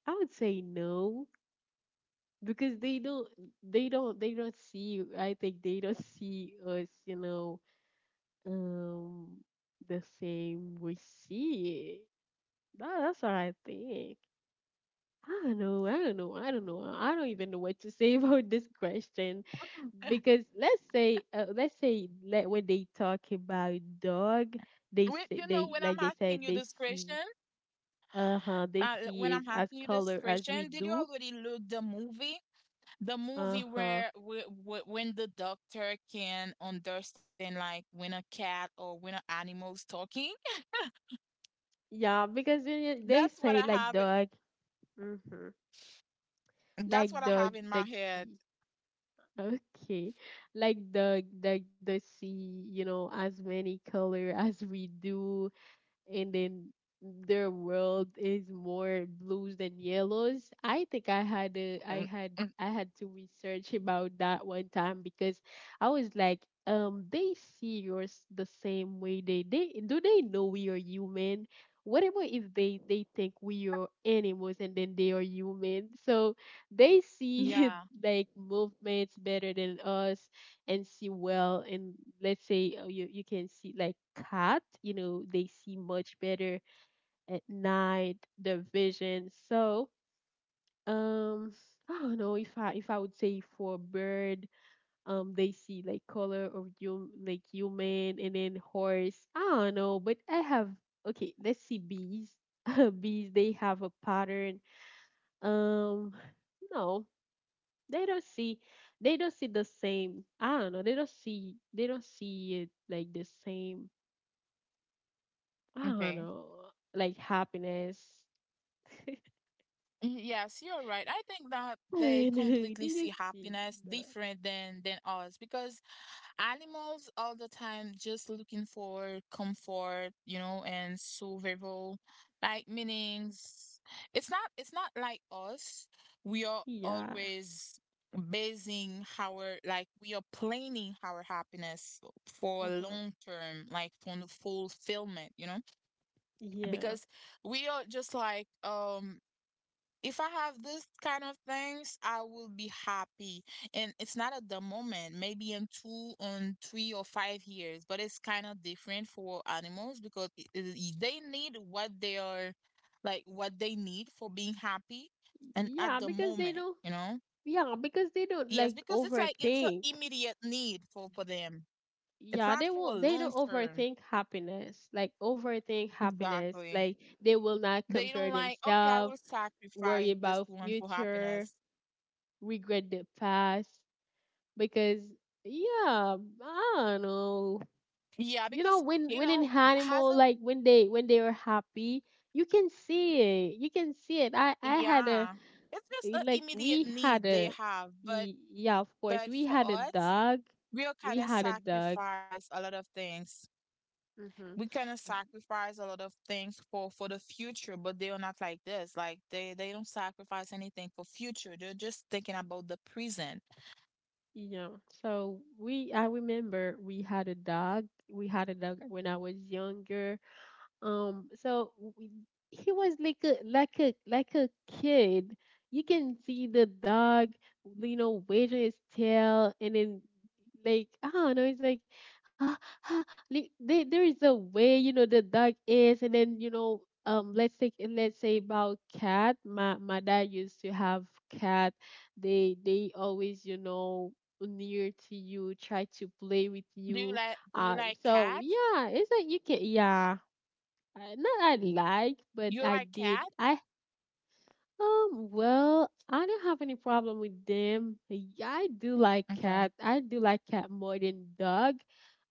Speaker 1: I would say no, because they don't see. I think they don't see us, you know, um the same we see it. That's what I think. I don't know. I don't even know what to say [LAUGHS] about this question, because let's say, like when they talk about dog, they
Speaker 2: Wait,
Speaker 1: say
Speaker 2: you know,
Speaker 1: they
Speaker 2: when I'm
Speaker 1: like they said
Speaker 2: asking you
Speaker 1: they
Speaker 2: this
Speaker 1: see,
Speaker 2: question,
Speaker 1: uh huh, they
Speaker 2: when
Speaker 1: see it
Speaker 2: I'm
Speaker 1: as
Speaker 2: asking you this
Speaker 1: color as we
Speaker 2: question, did you
Speaker 1: do,
Speaker 2: already look the movie? The
Speaker 1: uh
Speaker 2: movie
Speaker 1: huh,
Speaker 2: where when the doctor can understand like when a cat or when an animal's talking.
Speaker 1: yeah, because
Speaker 2: [LAUGHS]
Speaker 1: they
Speaker 2: That's what
Speaker 1: say
Speaker 2: I
Speaker 1: like
Speaker 2: have it.
Speaker 1: dog, mm-hmm. Like
Speaker 2: That's what I
Speaker 1: dog,
Speaker 2: have in my
Speaker 1: like
Speaker 2: head.
Speaker 1: see. Okay, like dog, like the sea, you know, as many color as we do, and then their world is more blues than yellows. I think I
Speaker 2: Mm,
Speaker 1: had,
Speaker 2: mm,
Speaker 1: I had to research about that one time because I was like, they see yours the same way they do. They know we are human. What about if they they think we are animals and then they are human? So they see
Speaker 2: yeah,
Speaker 1: [LAUGHS] like movements better than us, and see well, and let's say you can see like cat, you know they see much better at night, the vision. So um [GASPS] I don't know if I if I would say for bird, they see like color of you like human, and then horse I don't know, but I have, okay, let's see bees. [LAUGHS] Bees, they have a pattern, um no, they don't see, the same. I don't know, they don't see it like the same. I don't know,
Speaker 2: okay.
Speaker 1: like happiness. [LAUGHS]
Speaker 2: Mm, yes, you're right. I think that
Speaker 1: I
Speaker 2: they
Speaker 1: don't know,
Speaker 2: completely
Speaker 1: they
Speaker 2: see
Speaker 1: don't see
Speaker 2: happiness
Speaker 1: the,
Speaker 2: different than us. Because animals all the time just looking for comfort, you know, and survival, like meanings. It's not, it's not like us. We are
Speaker 1: yeah.
Speaker 2: always basing our, like we are planning our happiness for
Speaker 1: Uh-huh,
Speaker 2: long term, like for the fulfillment, you know.
Speaker 1: yeah.
Speaker 2: Because we are just like, if I have this kind of things, I will be happy. And it's not at the moment, maybe in two, on 3 or 5 years, but it's kind of different for animals. Because they need what they are, like what they need for being happy, and at
Speaker 1: yeah
Speaker 2: the
Speaker 1: because they
Speaker 2: moment,
Speaker 1: don't
Speaker 2: you know.
Speaker 1: yeah, because they don't
Speaker 2: Yes,
Speaker 1: like
Speaker 2: because it's like it's an
Speaker 1: overthink.
Speaker 2: immediate need for them. It's not for a
Speaker 1: They
Speaker 2: long
Speaker 1: don't
Speaker 2: term.
Speaker 1: overthink happiness,
Speaker 2: Exactly.
Speaker 1: they will not
Speaker 2: They
Speaker 1: compare
Speaker 2: don't, like, okay, I
Speaker 1: themselves,
Speaker 2: will
Speaker 1: worry
Speaker 2: sacrifice this
Speaker 1: about
Speaker 2: one for
Speaker 1: future,
Speaker 2: happiness.
Speaker 1: regret the past, because yeah, I don't know.
Speaker 2: Yeah,
Speaker 1: You know,
Speaker 2: because
Speaker 1: when
Speaker 2: you
Speaker 1: an
Speaker 2: know, as
Speaker 1: animal,
Speaker 2: a.
Speaker 1: like when they are happy, you can see it. You can see it. I had a,
Speaker 2: Yeah. It's just an
Speaker 1: like
Speaker 2: immediate
Speaker 1: we had
Speaker 2: need they
Speaker 1: a,
Speaker 2: have,
Speaker 1: yeah, of course,
Speaker 2: but
Speaker 1: we
Speaker 2: for
Speaker 1: had a
Speaker 2: us,
Speaker 1: dog.
Speaker 2: we'll
Speaker 1: We
Speaker 2: kind of
Speaker 1: had a dog.
Speaker 2: sacrifice a lot of things.
Speaker 1: Hmm.
Speaker 2: We kind of sacrifice a lot of things for the future, but they are not like this. Like they don't sacrifice anything for future. They're just thinking about the present.
Speaker 1: Yeah. So we, I remember we had a dog. We had a dog when I was younger. Um, so w- he was like a like a kid. You can see the dog, you know, wagging his tail, and then, like, I don't know. It's like ah, ah, like, there is a way you know the dog is, and then you know. Let's say about cat. My dad used to have cat. They always, you know, near to you, try to play with
Speaker 2: Do
Speaker 1: you.
Speaker 2: you like, do
Speaker 1: Uh,
Speaker 2: you like
Speaker 1: so
Speaker 2: cat?
Speaker 1: yeah, it's like you can, yeah. I, not I like, but
Speaker 2: You
Speaker 1: I
Speaker 2: like
Speaker 1: did.
Speaker 2: cat?
Speaker 1: I well, I don't have any problem with them. Yeah, I do like cat.
Speaker 2: Okay.
Speaker 1: I do like cat more than dog.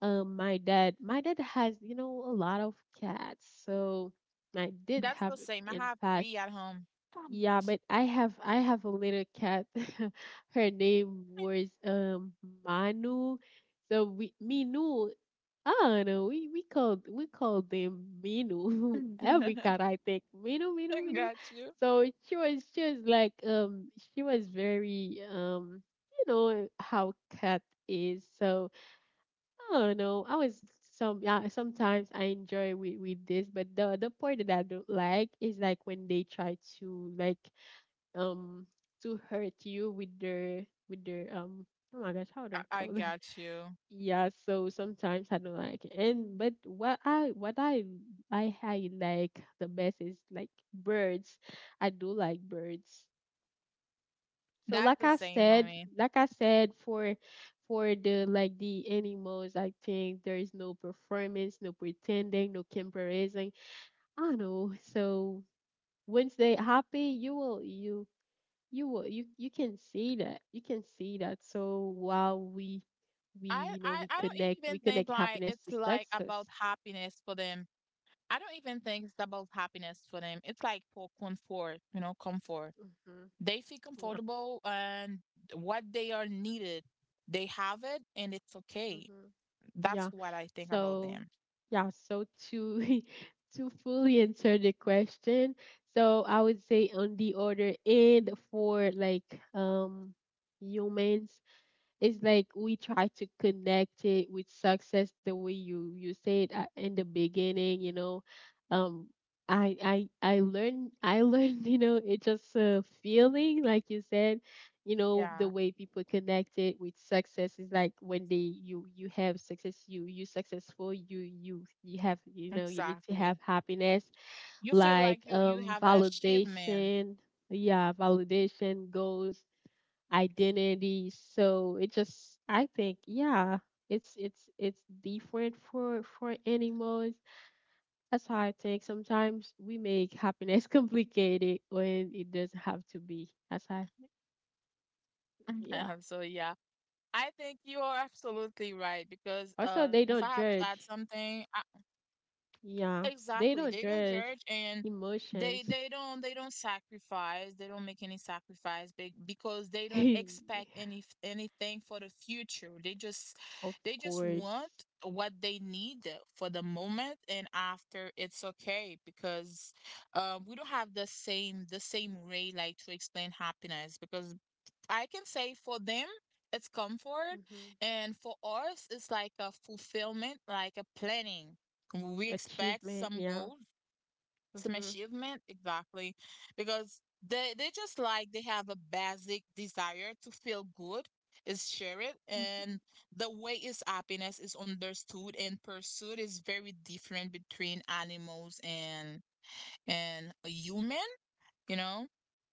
Speaker 1: My dad has, you know, a lot of cats, so I did
Speaker 2: That's
Speaker 1: have
Speaker 2: the
Speaker 1: it
Speaker 2: same. I
Speaker 1: in
Speaker 2: have
Speaker 1: past.
Speaker 2: three at home. [LAUGHS]
Speaker 1: Yeah, but I have a little cat. [LAUGHS] Her name was Manu. So we Minu. I don't know. We called, them Minu. [LAUGHS] Every
Speaker 2: I
Speaker 1: cat I think Minu Minu.
Speaker 2: got you.
Speaker 1: So she was like she was very you know how cat is. So I don't know. I was some, yeah, sometimes I enjoy with this, but the part that I don't like is like when they try to like um to hurt you with their oh my gosh, how do
Speaker 2: I,
Speaker 1: you
Speaker 2: I
Speaker 1: call it?
Speaker 2: got you.
Speaker 1: Yeah, so sometimes I don't like it. And but what I like the best is like birds. I do like birds. So
Speaker 2: That's
Speaker 1: like
Speaker 2: the
Speaker 1: I
Speaker 2: same for
Speaker 1: said,
Speaker 2: me.
Speaker 1: like I said for for the like the animals, I think there is no performance, no pretending, no comparison. I know. So once they happy, you will, you can see that. You can see that. So while we
Speaker 2: I, I
Speaker 1: we
Speaker 2: I don't
Speaker 1: connect
Speaker 2: even
Speaker 1: we
Speaker 2: think
Speaker 1: connect
Speaker 2: like it's
Speaker 1: happiness to
Speaker 2: like about
Speaker 1: success.
Speaker 2: happiness for them. I don't even think it's about happiness for them. It's like for comfort, you know, comfort.
Speaker 1: hmm
Speaker 2: They feel
Speaker 1: yeah.
Speaker 2: comfortable and what they are needed, they have it and it's okay.
Speaker 1: hmm
Speaker 2: That's
Speaker 1: yeah.
Speaker 2: what I think about
Speaker 1: so
Speaker 2: them.
Speaker 1: yeah so to [LAUGHS] to fully answer the question, so I would say on the other end for like um humans, it's like we try to connect it with success the way you said in the beginning, you know. um I learned [LAUGHS] you know, it's just a feeling like you said. You know, the
Speaker 2: Yeah,
Speaker 1: way people connect it with success is like when they you you have success, you successful, you have, you know, you need to have
Speaker 2: exactly.
Speaker 1: happiness.
Speaker 2: You feel
Speaker 1: Like
Speaker 2: like you have an achievement.
Speaker 1: validation, yeah, validation, goals, identity. So it just, I think, yeah, it's different for animals. That's how I think. Sometimes we make happiness [LAUGHS] complicated when it doesn't have to be. That's how I think. Yeah.
Speaker 2: [LAUGHS] So yeah, I think you are absolutely right. Because
Speaker 1: Also, they
Speaker 2: if I
Speaker 1: don't
Speaker 2: have to add
Speaker 1: judge.
Speaker 2: something,
Speaker 1: Yeah. They
Speaker 2: exactly. They
Speaker 1: don't
Speaker 2: don't
Speaker 1: judge
Speaker 2: judge, and
Speaker 1: emotions. [LAUGHS]
Speaker 2: they don't, they don't sacrifice. They don't make any sacrifice. Be- because they don't expect any anything for the future.
Speaker 1: Of
Speaker 2: They just want
Speaker 1: course.
Speaker 2: what they need for the moment, and after it's okay. Because we don't have the same, the same way like to explain happiness. Because I can say for them, it's comfort,
Speaker 1: hmm
Speaker 2: and for us, it's like a fulfillment, like a planning. We expect
Speaker 1: Achievement,
Speaker 2: some
Speaker 1: yeah.
Speaker 2: goals,
Speaker 1: hmm
Speaker 2: some
Speaker 1: hmm
Speaker 2: achievement, exactly, because they just like they have a basic desire to feel good, is share it, and
Speaker 1: Mm-hmm.
Speaker 2: the way is happiness is understood and pursued is very different between animals and a human, you know.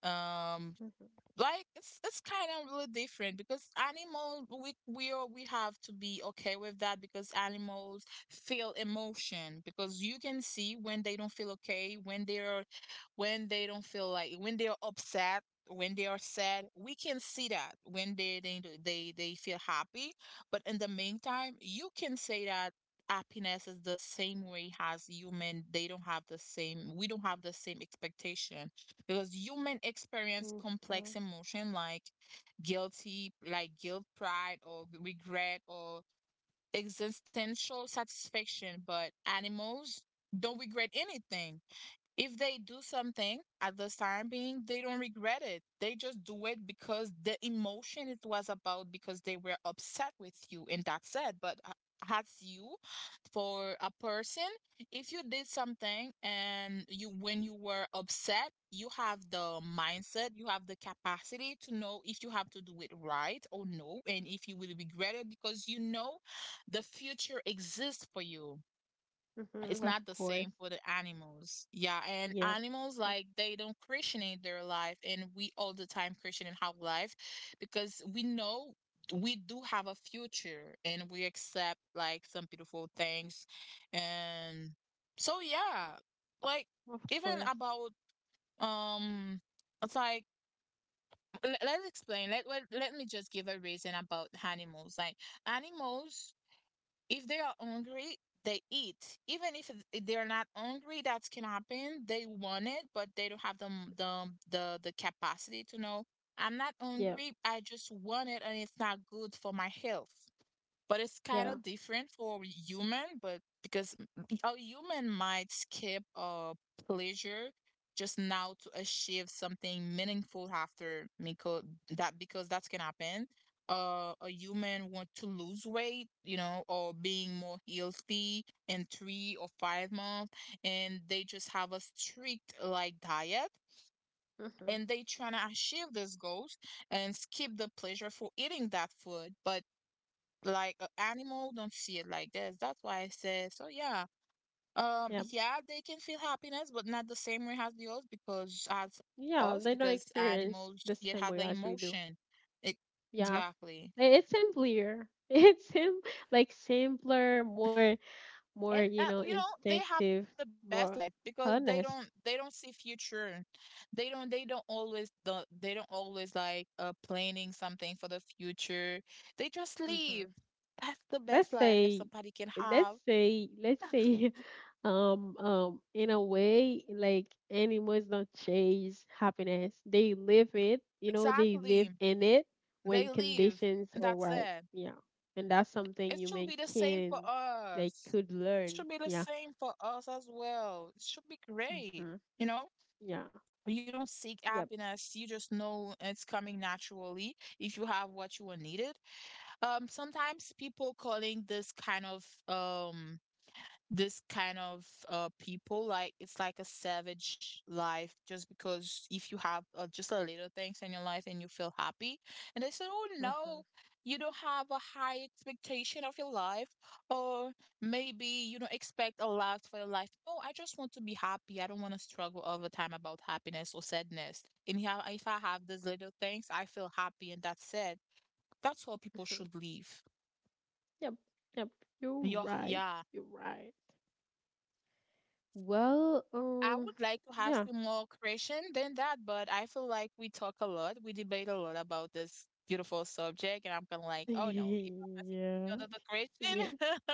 Speaker 2: Um,
Speaker 1: Mm-hmm.
Speaker 2: like it's kind of really different because animals, we are, we have to be okay with that. Because animals feel emotion, because you can see when they don't feel okay, when they're, when they don't feel like, when they're upset, when they are sad, we can see that. When they they feel happy, but in the meantime you can say that happiness is the same way as human. They don't have the same, we don't have the same expectation, because human experience complex emotion like guilt, pride, or regret, or existential satisfaction. But animals don't regret anything. If they do something at this time being, they don't regret it. They just do it because the emotion it was about, because they were upset with you, and that's it. But as you, for a person, if you did something and you, when you were upset, you have the mindset, you have the capacity to know if you have to do it right or no, and if you will regret it, because you know the future exists for you. It's
Speaker 1: Mm-hmm.
Speaker 2: not
Speaker 1: Of
Speaker 2: the same
Speaker 1: course.
Speaker 2: for the animals. Yeah, and
Speaker 1: Yeah.
Speaker 2: animals like they don't Christianate their life, and we all the time Christianate our life. Because we know we do have a future, and we accept like some beautiful things, and so yeah, like
Speaker 1: Of
Speaker 2: even
Speaker 1: course.
Speaker 2: about um. It's like, let's explain. Let, let me just give a reason about animals. Like animals, if they are hungry, they eat. Even if if they're not hungry, that can happen. They want it, but they don't have the the the capacity to know. I'm not
Speaker 1: Yeah.
Speaker 2: hungry. I just want it, and it's not good for my health. But it's kind of
Speaker 1: Yeah.
Speaker 2: different for human. But because a human might skip a pleasure just now to achieve something meaningful after. Because that's can happen. A human want to lose weight, you know, or being more healthy in 3 or 5 months, and they just have a strict like diet,
Speaker 1: Mm-hmm.
Speaker 2: and they trying to achieve those goals and skip the pleasure for eating that food. But like a animal don't see it like this. That's why I said. So yeah,
Speaker 1: Yeah.
Speaker 2: yeah, they can feel happiness, but not the same way as the us. Because as
Speaker 1: Yeah.
Speaker 2: us,
Speaker 1: They don't
Speaker 2: because
Speaker 1: experience
Speaker 2: animals
Speaker 1: the
Speaker 2: see it
Speaker 1: same
Speaker 2: has
Speaker 1: way
Speaker 2: an
Speaker 1: as we do.
Speaker 2: emotion. It,
Speaker 1: Yeah.
Speaker 2: exactly,
Speaker 1: It's simpler. [LAUGHS] It's sim Like simpler, more,
Speaker 2: and
Speaker 1: you know,
Speaker 2: you know, they have the
Speaker 1: instinctive,
Speaker 2: best life
Speaker 1: more
Speaker 2: because
Speaker 1: honest.
Speaker 2: they don't see future. They don't always they don't always like planning something for the future. They just live.
Speaker 1: hmm
Speaker 2: That's the best
Speaker 1: let's
Speaker 2: life
Speaker 1: say
Speaker 2: somebody can have.
Speaker 1: let's say let's
Speaker 2: [LAUGHS]
Speaker 1: say [LAUGHS] in a way, like, animals don't chase happiness, they live it. You know, they
Speaker 2: Exactly.
Speaker 1: live in it
Speaker 2: They
Speaker 1: when
Speaker 2: leave,
Speaker 1: conditions
Speaker 2: and
Speaker 1: are
Speaker 2: that's
Speaker 1: right.
Speaker 2: it.
Speaker 1: Yeah. And that's something
Speaker 2: It should
Speaker 1: human
Speaker 2: be the same
Speaker 1: can,
Speaker 2: for
Speaker 1: they
Speaker 2: us.
Speaker 1: could
Speaker 2: It
Speaker 1: learn.
Speaker 2: should be the
Speaker 1: Yeah.
Speaker 2: same for us as well. It should be great.
Speaker 1: Mm-hmm.
Speaker 2: You know,
Speaker 1: Yeah.
Speaker 2: you don't seek
Speaker 1: Yep.
Speaker 2: happiness. You just know it's coming naturally if you have what you are needed. Sometimes people calling this kind of people, like, it's like a savage life, just because if you have just a little things in your life and you feel happy, and they say, oh
Speaker 1: Mm-hmm. Mm-hmm.
Speaker 2: no, you don't have a high expectation of your life, or maybe you don't expect a lot for your life. No, I just want to be happy. I don't want to struggle all the time about happiness or sadness, and yeah, if I have these little things I feel happy, and that's it. That's how people should live.
Speaker 1: Yep. Yep. You're
Speaker 2: Yeah,
Speaker 1: right.
Speaker 2: yeah.
Speaker 1: You're right. Well,
Speaker 2: I would like to ask you
Speaker 1: yeah.
Speaker 2: more question than that, but I feel like we talk a lot, we debate a lot about this beautiful subject, and I'm kind of like,
Speaker 1: [LAUGHS]
Speaker 2: oh no, if I'm asking you another
Speaker 1: Yeah. Yeah.
Speaker 2: question,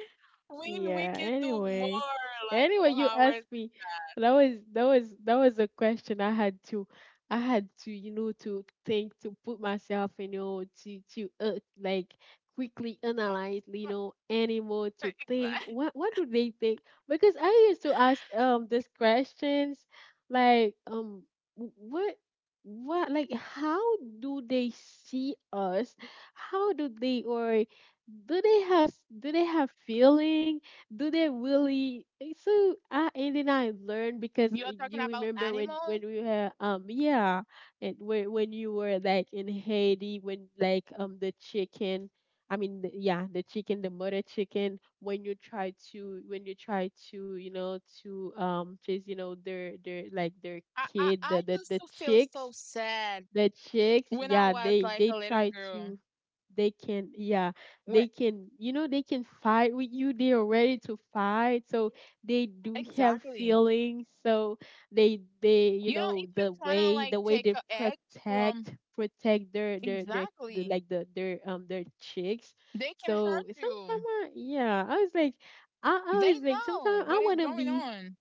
Speaker 2: [LAUGHS] we can
Speaker 1: Yeah,
Speaker 2: do more,
Speaker 1: anyway.
Speaker 2: like more
Speaker 1: Anyway, you
Speaker 2: hours.
Speaker 1: asked me. That was a question I had to, you know, to think, to put myself, you know, to like, quickly analyze, you know,
Speaker 2: [LAUGHS]
Speaker 1: animal, to
Speaker 2: Exactly.
Speaker 1: think, what do they think? Because I used to ask these questions, like, what, how do they see us? How do they, or do they have, do they have feeling, do they really. Eh, so I And then I learned because
Speaker 2: You're talking
Speaker 1: you
Speaker 2: about
Speaker 1: remember when
Speaker 2: animals.
Speaker 1: we were yeah, and when you were like in Haiti, when, like, the chicken, I mean the, yeah, the chicken, the mother chicken, when you try to you know, to chase, you know, their like their
Speaker 2: I
Speaker 1: kid,
Speaker 2: I used to
Speaker 1: the
Speaker 2: feel so
Speaker 1: chicks,
Speaker 2: sad
Speaker 1: the chicks,
Speaker 2: when I
Speaker 1: yeah,
Speaker 2: was like a
Speaker 1: they
Speaker 2: little
Speaker 1: try
Speaker 2: girl.
Speaker 1: to, they can, yeah,
Speaker 2: When
Speaker 1: they can, you know, they can fight with you, they are ready to fight. So they do have
Speaker 2: exactly,
Speaker 1: feelings. So they you
Speaker 2: you know,
Speaker 1: know,
Speaker 2: if you're
Speaker 1: the
Speaker 2: trying to
Speaker 1: way
Speaker 2: like take
Speaker 1: they
Speaker 2: a egg from,
Speaker 1: protect, their the,
Speaker 2: exactly,
Speaker 1: like, the their chicks.
Speaker 2: they can
Speaker 1: So
Speaker 2: hurt
Speaker 1: sometimes
Speaker 2: you.
Speaker 1: yeah, I was like, I
Speaker 2: They
Speaker 1: was like,
Speaker 2: know
Speaker 1: sometimes I
Speaker 2: what is
Speaker 1: want to
Speaker 2: going
Speaker 1: be,
Speaker 2: on.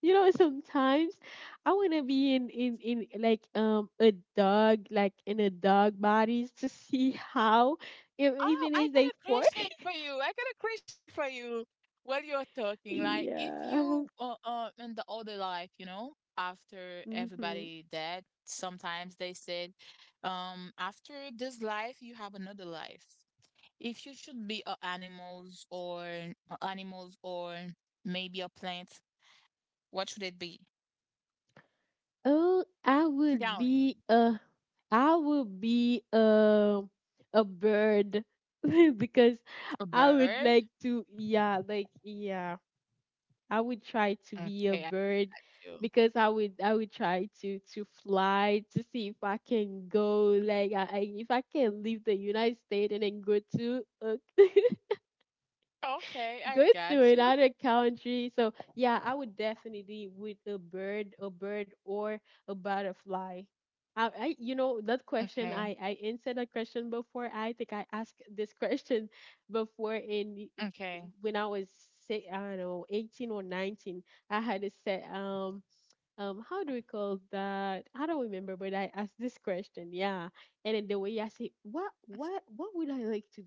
Speaker 1: you know, sometimes I want to be in, like, a dog, like in a dog bodies, to see how, if,
Speaker 2: Oh,
Speaker 1: even
Speaker 2: I
Speaker 1: if
Speaker 2: got
Speaker 1: they
Speaker 2: a
Speaker 1: four.
Speaker 2: question for you. I got a question for you while you're
Speaker 1: [LAUGHS]
Speaker 2: talking. Like, if
Speaker 1: Yeah.
Speaker 2: you uh, in the other life, you know, after
Speaker 1: Mm-hmm.
Speaker 2: everybody dead, sometimes they said, after this life, you have another life. If you should be animals or maybe a plant, what should it be?
Speaker 1: Oh,
Speaker 2: Tell me.
Speaker 1: I would be a bird. [LAUGHS] Because
Speaker 2: A
Speaker 1: I would
Speaker 2: bird?
Speaker 1: like to, yeah, like, yeah, I would try to be a
Speaker 2: Okay, I got
Speaker 1: bird,
Speaker 2: you.
Speaker 1: because I would, I would try to fly, to see if I can go, like, I, if I can leave the United States and then go to [LAUGHS]
Speaker 2: Okay, I
Speaker 1: go
Speaker 2: got
Speaker 1: to
Speaker 2: you.
Speaker 1: another country. So yeah, I would definitely with a bird or a butterfly. I, you know, that question,
Speaker 2: Okay.
Speaker 1: I answered that question before. I think I asked this question [LAUGHS] before in
Speaker 2: Okay.
Speaker 1: when I was, say, I don't know, 18 or 19. I had a set how do we call that? I don't remember, but I asked this question. Yeah, and then the way I say, what would I like to?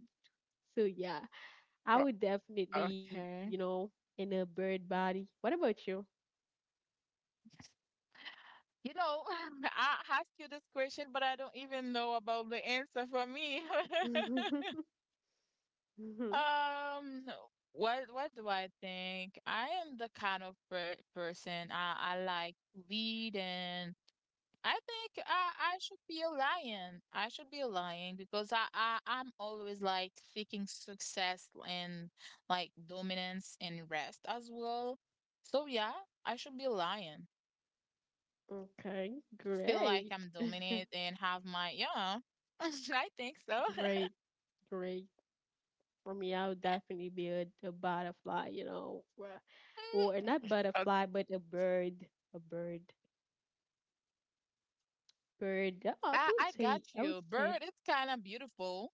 Speaker 1: So yeah. I
Speaker 2: O-
Speaker 1: would definitely, you
Speaker 2: Okay.
Speaker 1: know, in a bird body. What about you?
Speaker 2: You know, [LAUGHS] I asked you this question, but I don't even know about the answer for me. [LAUGHS]
Speaker 1: [LAUGHS]
Speaker 2: Um, what do I think? I am the kind of person, I like to lead, and I think I should be a lion. I should be a lion because I'm always like seeking success and like dominance and rest as well. So yeah, I should be a lion.
Speaker 1: Okay,
Speaker 2: Feel like
Speaker 1: great.
Speaker 2: I'm
Speaker 1: [LAUGHS]
Speaker 2: dominant and have my, yeah. [LAUGHS] I think so. [LAUGHS]
Speaker 1: Great, great. For me, I would definitely be a butterfly, you know, or not
Speaker 2: Uh,
Speaker 1: butterfly, but a bird, bird. Yeah,
Speaker 2: I got
Speaker 1: I would
Speaker 2: you.
Speaker 1: say,
Speaker 2: Bird, it's kind of beautiful.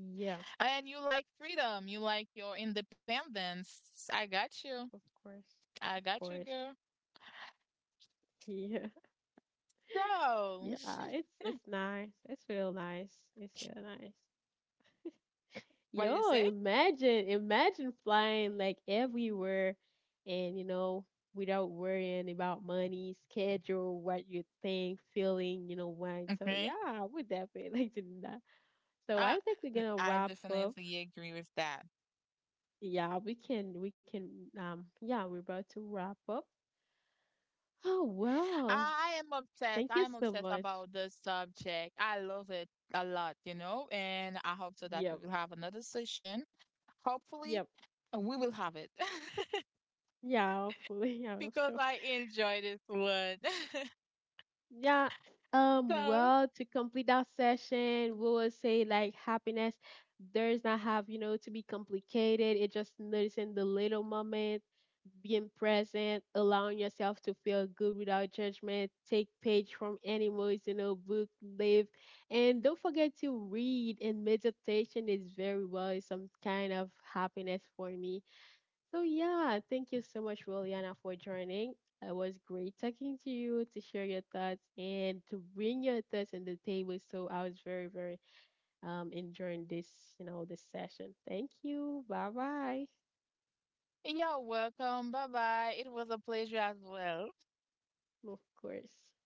Speaker 1: yeah,
Speaker 2: And you like freedom. You like your independence. I got you.
Speaker 1: of course, of
Speaker 2: I got you,
Speaker 1: course.
Speaker 2: girl.
Speaker 1: Yeah. [LAUGHS]
Speaker 2: So,
Speaker 1: Yeah, it's nice. It's real nice. It's real nice.
Speaker 2: what did you
Speaker 1: Yo,
Speaker 2: say?
Speaker 1: imagine, imagine flying like everywhere, and you know, without worrying about money, schedule, what you think, feeling, you know, wine. So
Speaker 2: Okay.
Speaker 1: yeah, I would definitely [LAUGHS] like to do that. So
Speaker 2: I
Speaker 1: I think we're gonna
Speaker 2: I
Speaker 1: wrap up.
Speaker 2: definitely agree with that.
Speaker 1: Yeah, we can yeah, we're about to wrap up. Oh well.
Speaker 2: I am obsessed.
Speaker 1: Thank you
Speaker 2: I am
Speaker 1: so
Speaker 2: obsessed
Speaker 1: much.
Speaker 2: about this subject. I love it a lot, you know, and I hope so that we
Speaker 1: Yep,
Speaker 2: will have another session. Hopefully,
Speaker 1: yep.
Speaker 2: we will have it. [LAUGHS]
Speaker 1: Yeah, hopefully. [LAUGHS] I hope
Speaker 2: Because
Speaker 1: so.
Speaker 2: I enjoy this one.
Speaker 1: Yeah.
Speaker 2: [LAUGHS] So,
Speaker 1: Well, to complete that session, we will say, like, happiness does not have, you know, to be complicated. It just noticing the little moment, being present, allowing yourself to feel good without judgment, take page from any emotional book, live. And don't forget to read and meditation is very well some kind of happiness for me. So yeah, thank you so much, Williana, for joining. It was great talking to you, to share your thoughts and to bring your thoughts on the table. So I was very, very enjoying this, you know, this session. Thank you. Bye bye.
Speaker 2: you're welcome. Bye bye. It was a pleasure as well.
Speaker 1: Of course.